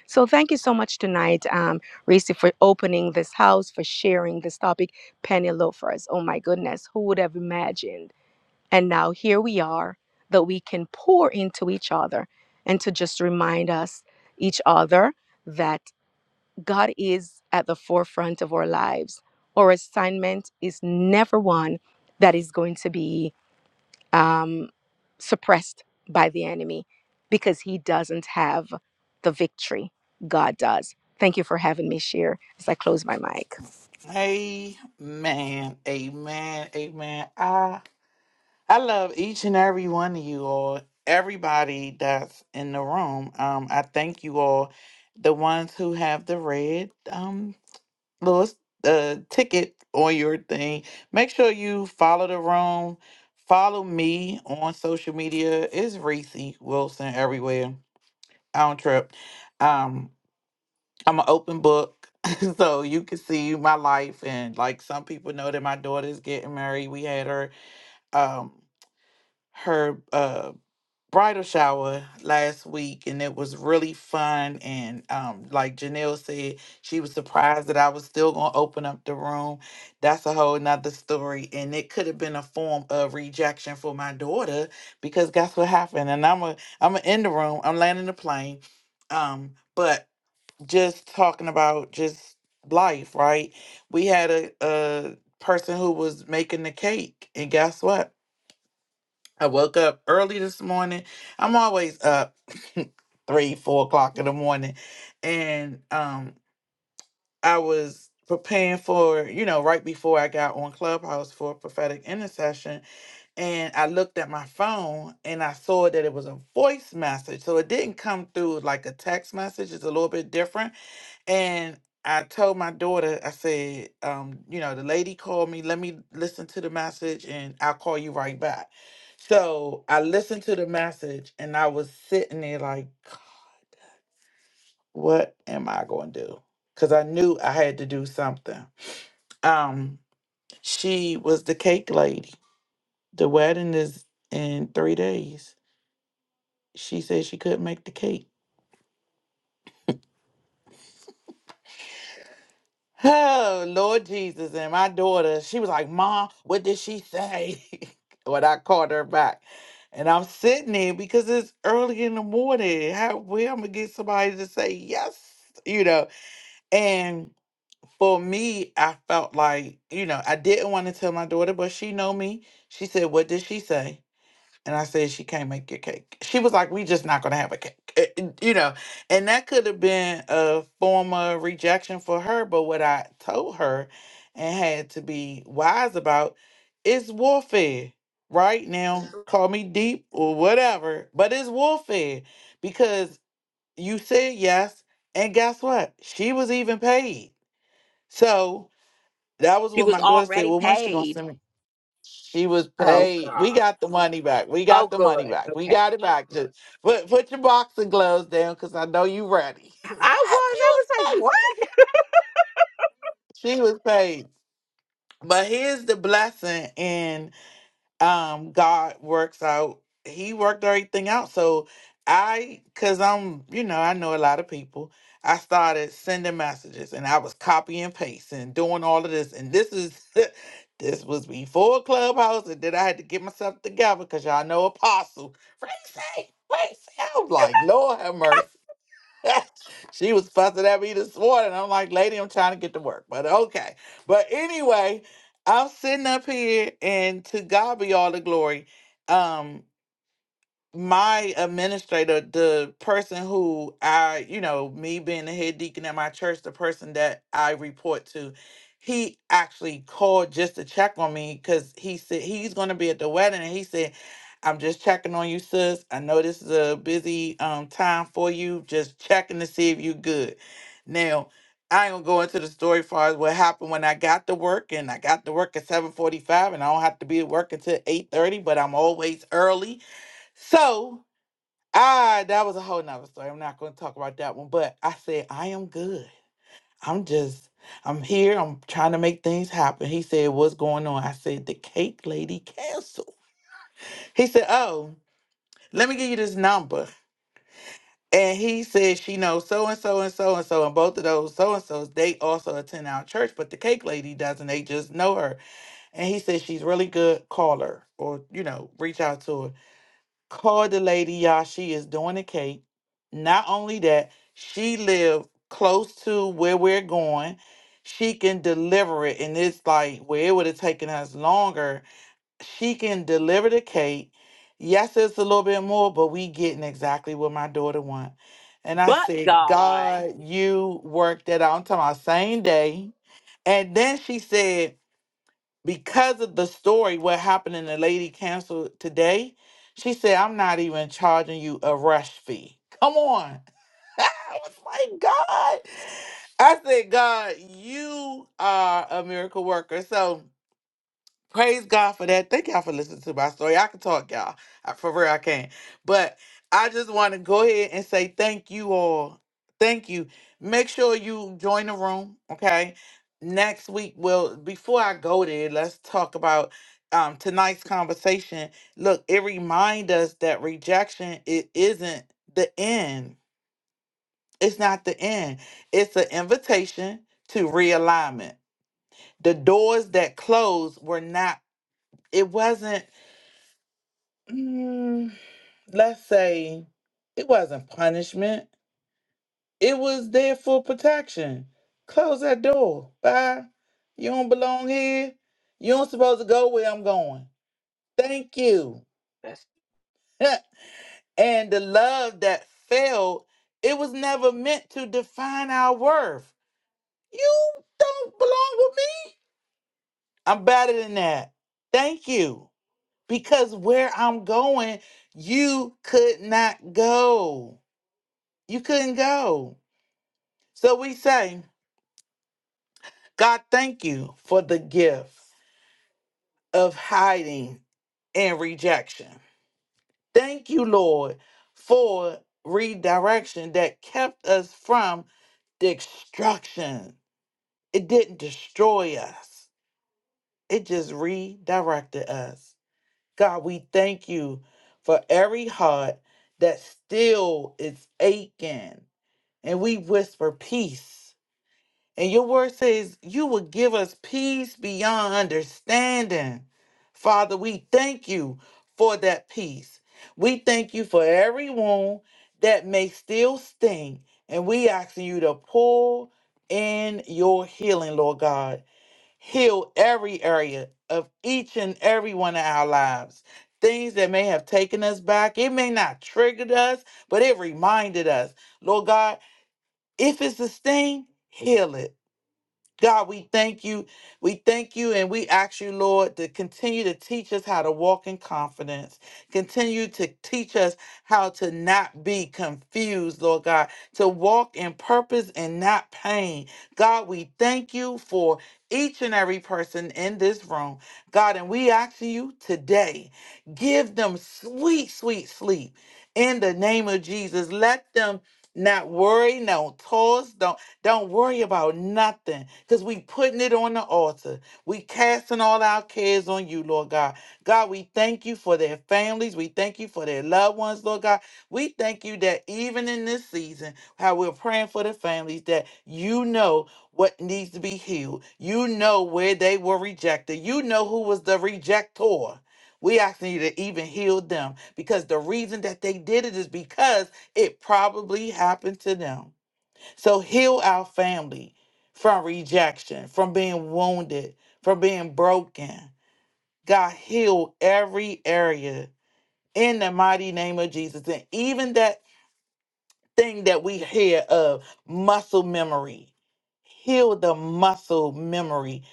So thank you so much tonight, um, Racy, for opening this house, for sharing this topic. Penny loafers, oh my goodness, who would have imagined? And now here we are that we can pour into each other and to just remind us, each other, that God is at the forefront of our lives. Our assignment is never one that is going to be um, suppressed by the enemy because he doesn't have the victory. God does. Thank you for having me share as I close my mic. Amen. Amen. Amen. I I love each and every one of you all. Everybody that's in the room. Um, I thank you all. The ones who have the red um little uh, ticket on your thing. Make sure you follow the room. Follow me on social media. It's Reese Wilson everywhere. I don't trip. Um, I'm an open book, [LAUGHS] so you can see my life. And like some people know that my daughter's getting married. We had her um her uh bridal shower last week, and it was really fun. And um, like Janelle said, she was surprised that I was still gonna open up the room. That's a whole nother story. And it could have been a form of rejection for my daughter because guess what happened? And I'm a I'm a in the room. I'm landing the plane. Um, but just talking about just life, right? We had a, a person who was making the cake, and guess what? I woke up early this morning. I'm always up [LAUGHS] three, four o'clock in the morning, and um, I was preparing for you know right before I got on Clubhouse for prophetic intercession, and I looked at my phone and I saw that it was a voice message. So it didn't come through like a text message. It's a little bit different and I told my daughter, I said, um, you know, the lady called me, let me listen to the message and I'll call you right back. So I listened to the message and I was sitting there like, what am I going to do? Because I knew I had to do something. Um, she was the cake lady. The wedding is in three days. She said she couldn't make the cake. Oh, Lord Jesus. And my daughter, she was like, Mom, what did she say? [LAUGHS] when I called her back. And I'm sitting there because it's early in the morning. How where I'm gonna get somebody to say yes, you know. And for me, I felt like, you know, I didn't want to tell my daughter, but she know me. She said, What did she say? And I said, she can't make your cake. She was like, we just not gonna have a cake, Eh, eh, you know. And that could have been a form of rejection for her. But what I told her and had to be wise about is warfare, right? Now, call me deep or whatever, but it's warfare because you said yes. And guess what? She was even paid. So that was She what was my daughter said. already Well, when's she gonna send paid. me? She was Oh paid. God. We got the money back. We Oh got the money good. back. We Okay. got it back. Just put put your boxing gloves down because I know you ready. I was. [LAUGHS] she I was was like, paid. what? She was paid. But here's the blessing in um God works out he worked everything out so I cuz I'm you know I know a lot of people I started sending messages and I was copy and paste and doing all of this and this is [LAUGHS] this was before Clubhouse and then I had to get myself together cuz y'all know apostle Racy Racy I was like Lord have mercy [LAUGHS] she was fussing at me this morning. I'm like, lady, I'm trying to get to work, but okay. But anyway, I'm sitting up here, and to God be all the glory. Um, my administrator, the person who I, you know, me being the head deacon at my church, the person that I report to, he actually called just to check on me because he said he's going to be at the wedding. And he said, I'm just checking on you, sis. I know this is a busy um, time for you, just checking to see if you good. Now, I ain't gonna go into the story far as what happened when I got to work, and I got to work at 7:45, and I don't have to be at work until 8:30, but I'm always early so I that was a whole nother story. I'm not gonna talk about that one, but I said, I am good. I'm just I'm here. I'm trying to make things happen. He said, What's going on? I said, The cake lady canceled. He said, Oh, let me give you this number. And he said she knows so and so and so and so and both of those so and so's they also attend our church, but the cake lady doesn't. They just know her. And he said she's really good. Call her or you know reach out to her. Called the lady, y'all. She is doing the cake. Not only that, she lived close to where we're going. She can deliver it, and it's like where it would have taken us longer. She can deliver the cake. Yes, it's a little bit more, but we getting exactly what my daughter want. And I But said, God. God, you worked that out. I'm talking about same day. And then she said because of the story, what happened and the lady canceled today, she said, I'm not even charging you a rush fee. Come on. [LAUGHS] I was like, God. I said, God, you are a miracle worker. So Praise God for that. Thank y'all for listening to my story. I can talk, y'all. I, for real, I can. But I just want to go ahead and say thank you all. Thank you. Make sure you join the room, okay? Next week, well, before I go there, let's talk about um, tonight's conversation. Look, it reminds us that rejection it isn't the end. It's not the end. It's an invitation to realignment. The doors that closed were not. It wasn't Mm, let's say it wasn't punishment. It was there for protection. Close that door. Bye. You don't belong here. You don't supposed to go where I'm going. Thank you. That's- [LAUGHS] and the love that fell, it was never meant to define our worth. You don't belong with me. I'm better than that. Thank you. Because where I'm going, you could not go. You couldn't go. So we say, God, thank you for the gift of hiding and rejection. Thank you, Lord, for redirection that kept us from destruction. It didn't destroy us, it just redirected us. God, we thank you for every heart that still is aching. And we whisper peace And your word says you will give us peace beyond understanding. Father, we thank you for that peace. We thank you for every wound that may still sting. And we asking you to pull in your healing, Lord God. Heal every area of each and every one of our lives. Things that may have taken us back. It may not triggered us, but it reminded us. Lord God, if it's a sting, heal it. God, we thank you. We thank you and we ask you, Lord, to continue to teach us how to walk in confidence. Continue to teach us how to not be confused, Lord God, to walk in purpose and not pain. God, we thank you for each and every person in this room. God, and we ask you today, give them sweet, sweet sleep in the name of Jesus. Let them not worry, no toss, don't. Don't worry about nothing because we putting it on the altar. We casting all our cares on you, Lord God. God, we thank you for their families. We thank you for their loved ones, Lord God. We thank you that even in this season, how we're praying for the families, that you know what needs to be healed. You know where they were rejected. You know who was the rejector. We asking you to even heal them because the reason that they did it is because it probably happened to them. So heal our family from rejection, from being wounded, from being broken. God, heal every area in the mighty name of Jesus. And even that thing that we hear of muscle memory, heal the muscle memory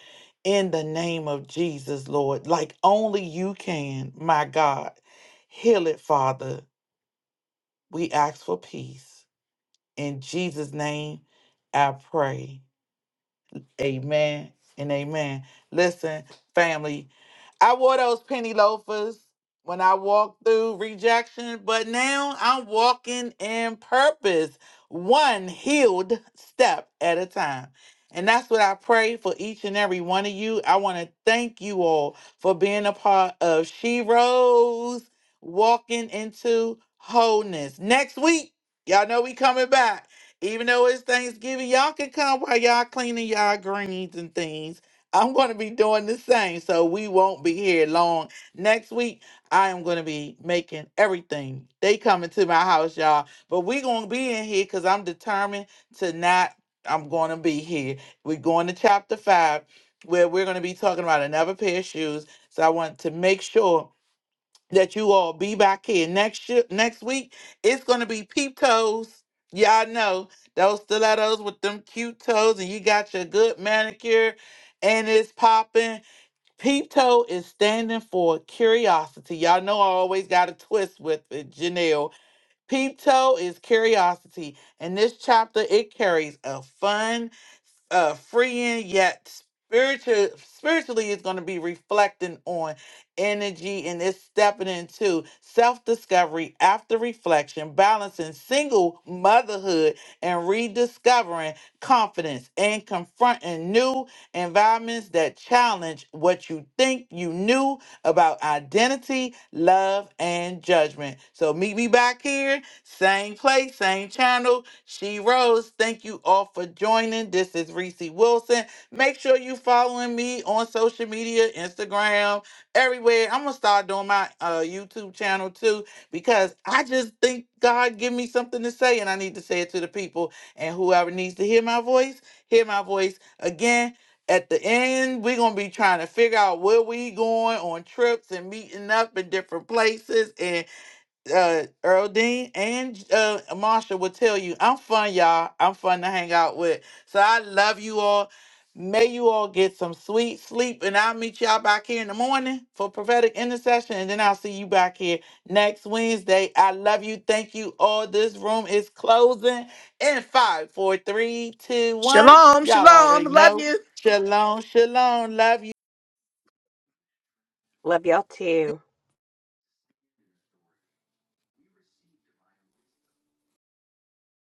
in the name of Jesus, Lord, like only you can, my God. Heal it, Father. We ask for peace. In Jesus' name, I pray. Amen and amen. Listen, family, I wore those penny loafers when I walked through rejection, but now I'm walking in purpose, one healed step at a time. And that's what I pray for each and every one of you. I want to thank you all for being a part of She Rose Walking into Wholeness. Next week, y'all know we coming back. Even though it's Thanksgiving, y'all can come while y'all cleaning y'all greens and things. I'm going to be doing the same, so we won't be here long. Next week, I am going to be making everything. They coming to my house, y'all, but we going to be in here because I'm determined to not. I'm going to be here. We're going to chapter five, where we're going to be talking about another pair of shoes. So I want to make sure that you all be back here next year, next week. It's gonna be peep toes. Y'all know those stilettos with them cute toes, and you got your good manicure, and it's popping. Peep toe is standing for curiosity. Y'all know I always got a twist with it, Janelle. Peep toe is curiosity, and this chapter it carries a fun uh freeing yet spiritual spiritually is going to be reflecting on energy and it's stepping into self-discovery after reflection balancing single motherhood and rediscovering confidence and confronting new environments that challenge what you think you knew about identity love and judgment so meet me back here same place, same channel. She Rose. Thank you all for joining. This is Reese Wilson. Make sure you following me on social media, Instagram, everywhere. I'm gonna start doing my uh, YouTube channel too because I just think God give me something to say, and I need to say it to the people. And whoever needs to hear my voice, hear my voice again. At the end, we're gonna be trying to figure out where we going on trips and meeting up in different places. and uh Earl Dean and uh Marsha will tell you I'm fun, y'all. I'm fun to hang out with. So I love you all. May you all get some sweet sleep, and I'll meet y'all back here in the morning for prophetic intercession, and then I'll see you back here next Wednesday. I love you. Thank you all. This room is closing in five, four, three, two, one. Shalom, Y'all shalom. already Love know. you. Shalom, shalom. Love you. Love y'all too.